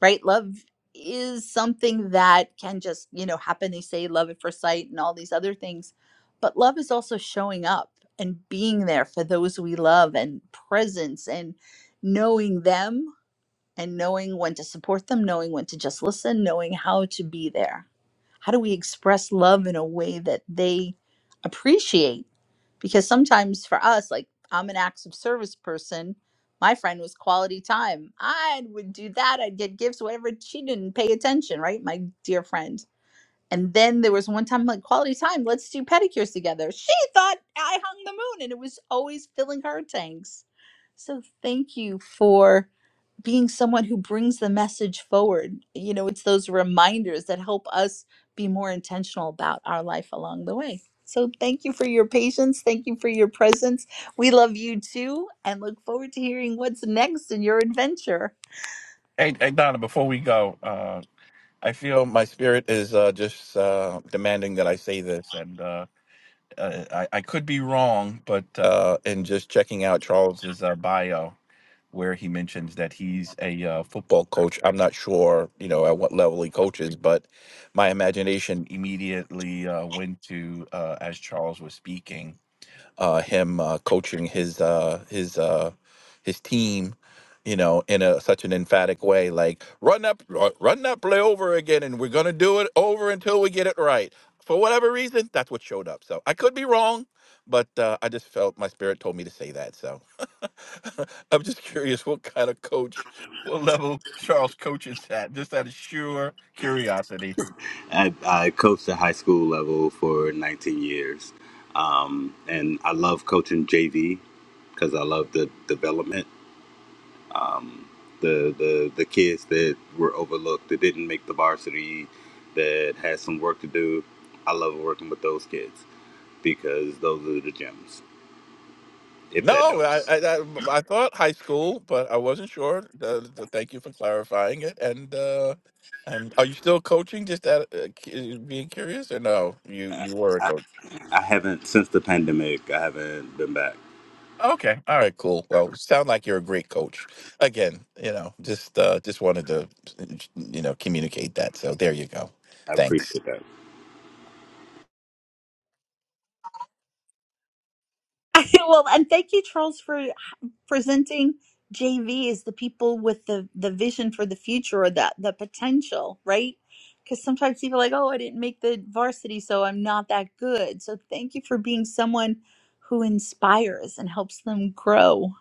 J: right? Love is something that can just you know happen. They say love at first sight and all these other things, but love is also showing up and being there for those we love and presence and knowing them and knowing when to support them, knowing when to just listen, knowing how to be there. How do we express love in a way that they appreciate? Because sometimes for us, like I'm an acts of service person, my friend was quality time. I would do that, I'd get gifts, whatever. She didn't pay attention, right? My dear friend. And then there was one time like quality time, let's do pedicures together. She thought I hung the moon and it was always filling her tanks. So thank you for being someone who brings the message forward. You know, it's those reminders that help us be more intentional about our life along the way. So thank you for your patience. Thank you for your presence. We love you too and look forward to hearing what's next in your adventure.
P: Hey, hey Donna, before we go, uh, I feel my spirit is uh, just uh, demanding that I say this. And uh, uh, I, I could be wrong, but uh, in just checking out Charles's uh, bio, where he mentions that he's a uh, football coach, I'm not sure, you know, at what level he coaches, but my imagination immediately uh, went to uh, as Charles was speaking uh, him uh, coaching his uh, his uh, his team, you know, in a such an emphatic way, like run up, uh, run that play over again, and we're gonna do it over until we get it right. For whatever reason, that's what showed up. So I could be wrong, but uh, I just felt my spirit told me to say that. So I'm just curious what kind of coach, what level Charles coaches at. Just out of sheer curiosity.
R: I, I coached at high school level for 19 years, um, and I love coaching JV because I love the development the the the kids that were overlooked that didn't make the varsity that had some work to do i love working with those kids because those are the gems if that
P: No, I,
R: helps
P: I I I thought high school, but I wasn't sure. Uh, th- thank you for clarifying it. And uh, and are you still coaching? Just that uh, cu- uh, being curious, or no? You you were a
R: i,
P: coach.
R: I haven't since the pandemic i haven't been back
P: Okay, all right, cool. Well, sound like you're a great coach. Again, you know, just uh, just wanted to you know communicate that. So there you go.
R: i
P: Thanks.
R: appreciate that
J: well, and thank you, Charles, for presenting JV as the people with the the vision for the future or the the potential, right? Because sometimes people are like, oh, I didn't make the varsity, so I'm not that good. So thank you for being someone who inspires and helps them grow.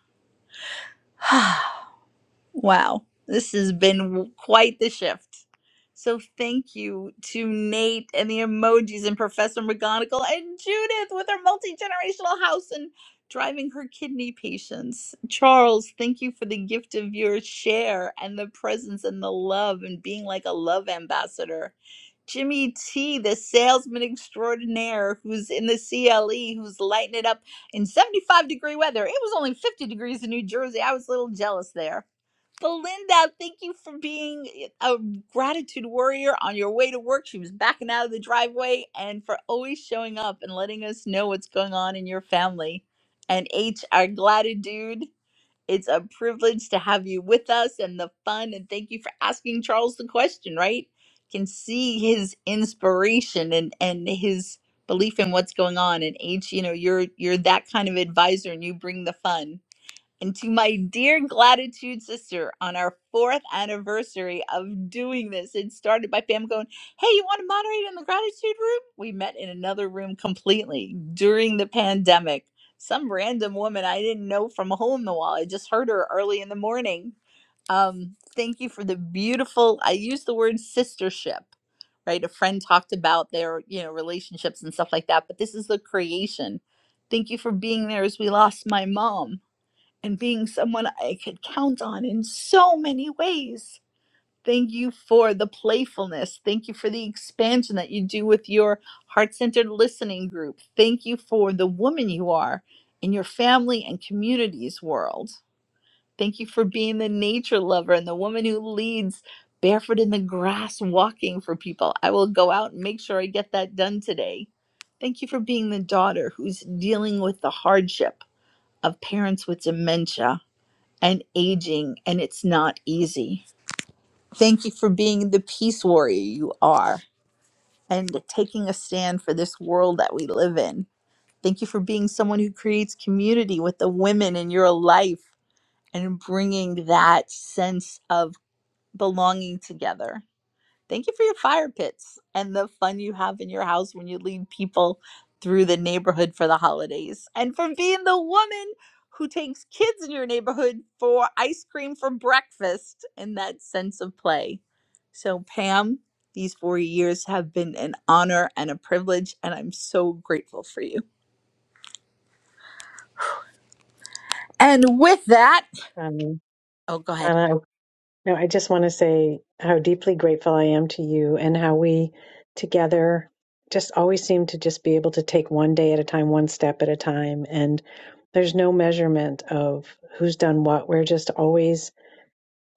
J: Wow, this has been quite the shift. So thank you to Nate and the emojis and Professor McGonagall and Judith with her multi-generational house and driving her kidney patients. Charles, thank you for the gift of your share and the presence and the love and being like a love ambassador. Jimmy T, the salesman extraordinaire who's in the CLE, who's lighting it up in 75 degree weather. It was only 50 degrees in New Jersey. I was a little jealous there Belinda, thank you for being a gratitude warrior on your way to work. She was backing out of the driveway and for always showing up and letting us know what's going on in your family. And H, our gratitude, it's a privilege to have you with us and the fun. And thank you for asking Charles the question, right? Can see his inspiration and, and his belief in what's going on. And H, you know, you're you're that kind of advisor and you bring the fun and to my dear gratitude sister on our fourth anniversary of doing this. It started by Pam going, Hey, you want to moderate in the gratitude room? We met in another room completely during the pandemic. Some random woman I didn't know from a hole in the wall. I just heard her early in the morning. Um, thank you for the beautiful, I use the word sistership. Right, a friend talked about their, you know, relationships and stuff like that. But this is the creation. Thank you for being there as we lost my mom and being someone I could count on in so many ways. Thank you for the playfulness. Thank you for the expansion that you do with your heart centered listening group. Thank you for the woman you are in your family and communities world. Thank you for being the nature lover and the woman who leads barefoot in the grass walking for people. I will go out and make sure I get that done today. Thank you for being the daughter who's dealing with the hardship of parents with dementia and aging, and it's not easy. Thank you for being the peace warrior you are and taking a stand for this world that we live in. Thank you for being someone who creates community with the women in your life and bringing that sense of belonging together. Thank you for your fire pits and the fun you have in your house when you lead people through the neighborhood for the holidays. And for being the woman who takes kids in your neighborhood for ice cream for breakfast and that sense of play. So, Pam, these four years have been an honor and a privilege, and I'm so grateful for you. And with that,
A: Um,
J: oh, go ahead.
A: Donna. No, I just want to say how deeply grateful I am to you and how we together just always seem to just be able to take one day at a time, one step at a time. And there's no measurement of who's done what. We're just always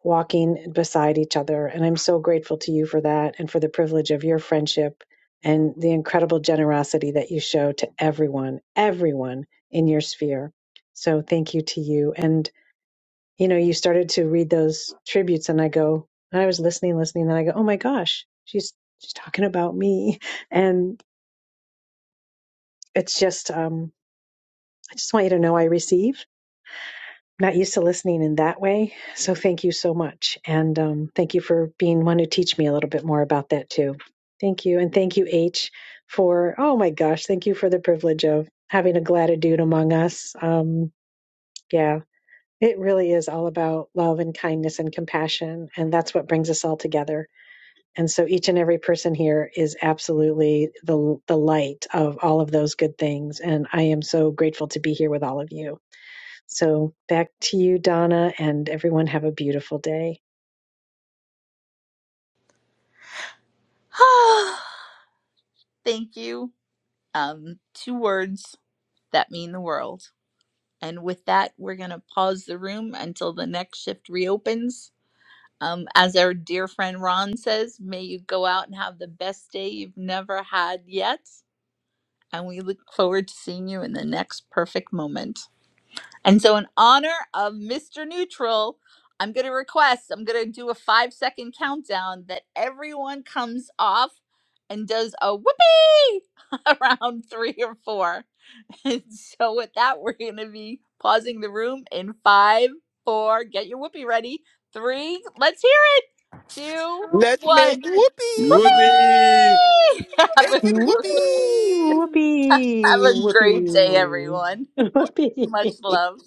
A: walking beside each other. And I'm so grateful to you for that and for the privilege of your friendship and the incredible generosity that you show to everyone, everyone in your sphere. So thank you to you. And you know, you started to read those tributes and I go, and I was listening, listening, and I go, oh my gosh, she's, she's talking about me. And it's just, um, I just want you to know I receive. I'm Not used to listening in that way. So thank you so much. And um, thank you for being one to teach me a little bit more about that too. Thank you. And thank you, H, for, oh my gosh, thank you for the privilege of having a gratitude among us. Um, yeah, it really is all about love and kindness and compassion. And that's what brings us all together And so each and every person here is absolutely the the light of all of those good things. And I am so grateful to be here with all of you. So back to you, Donna, and everyone have a beautiful day.
J: Thank you. Um, two words that mean the world And with that, we're going to pause the room until the next shift reopens. Um, as our dear friend Ron says, may you go out and have the best day you've never had yet. And we look forward to seeing you in the next perfect moment. And so, in honor of Mr. Neutral, I'm going to request, I'm going to do a five second countdown that everyone comes off and does a whoopee around three or four. And so, with that, we're going to be pausing the room in five, four, get your whoopee ready, three, let's hear it, two,
P: Let's
J: one,
P: make whoopee.
R: Whoopee!
J: whoopee! have,
P: Make
J: a,
P: it
A: Whoopee,
P: whoopee.
A: whoopee,
J: have a great day,
A: whoopee,
J: everyone.
A: whoopee.
J: Much love.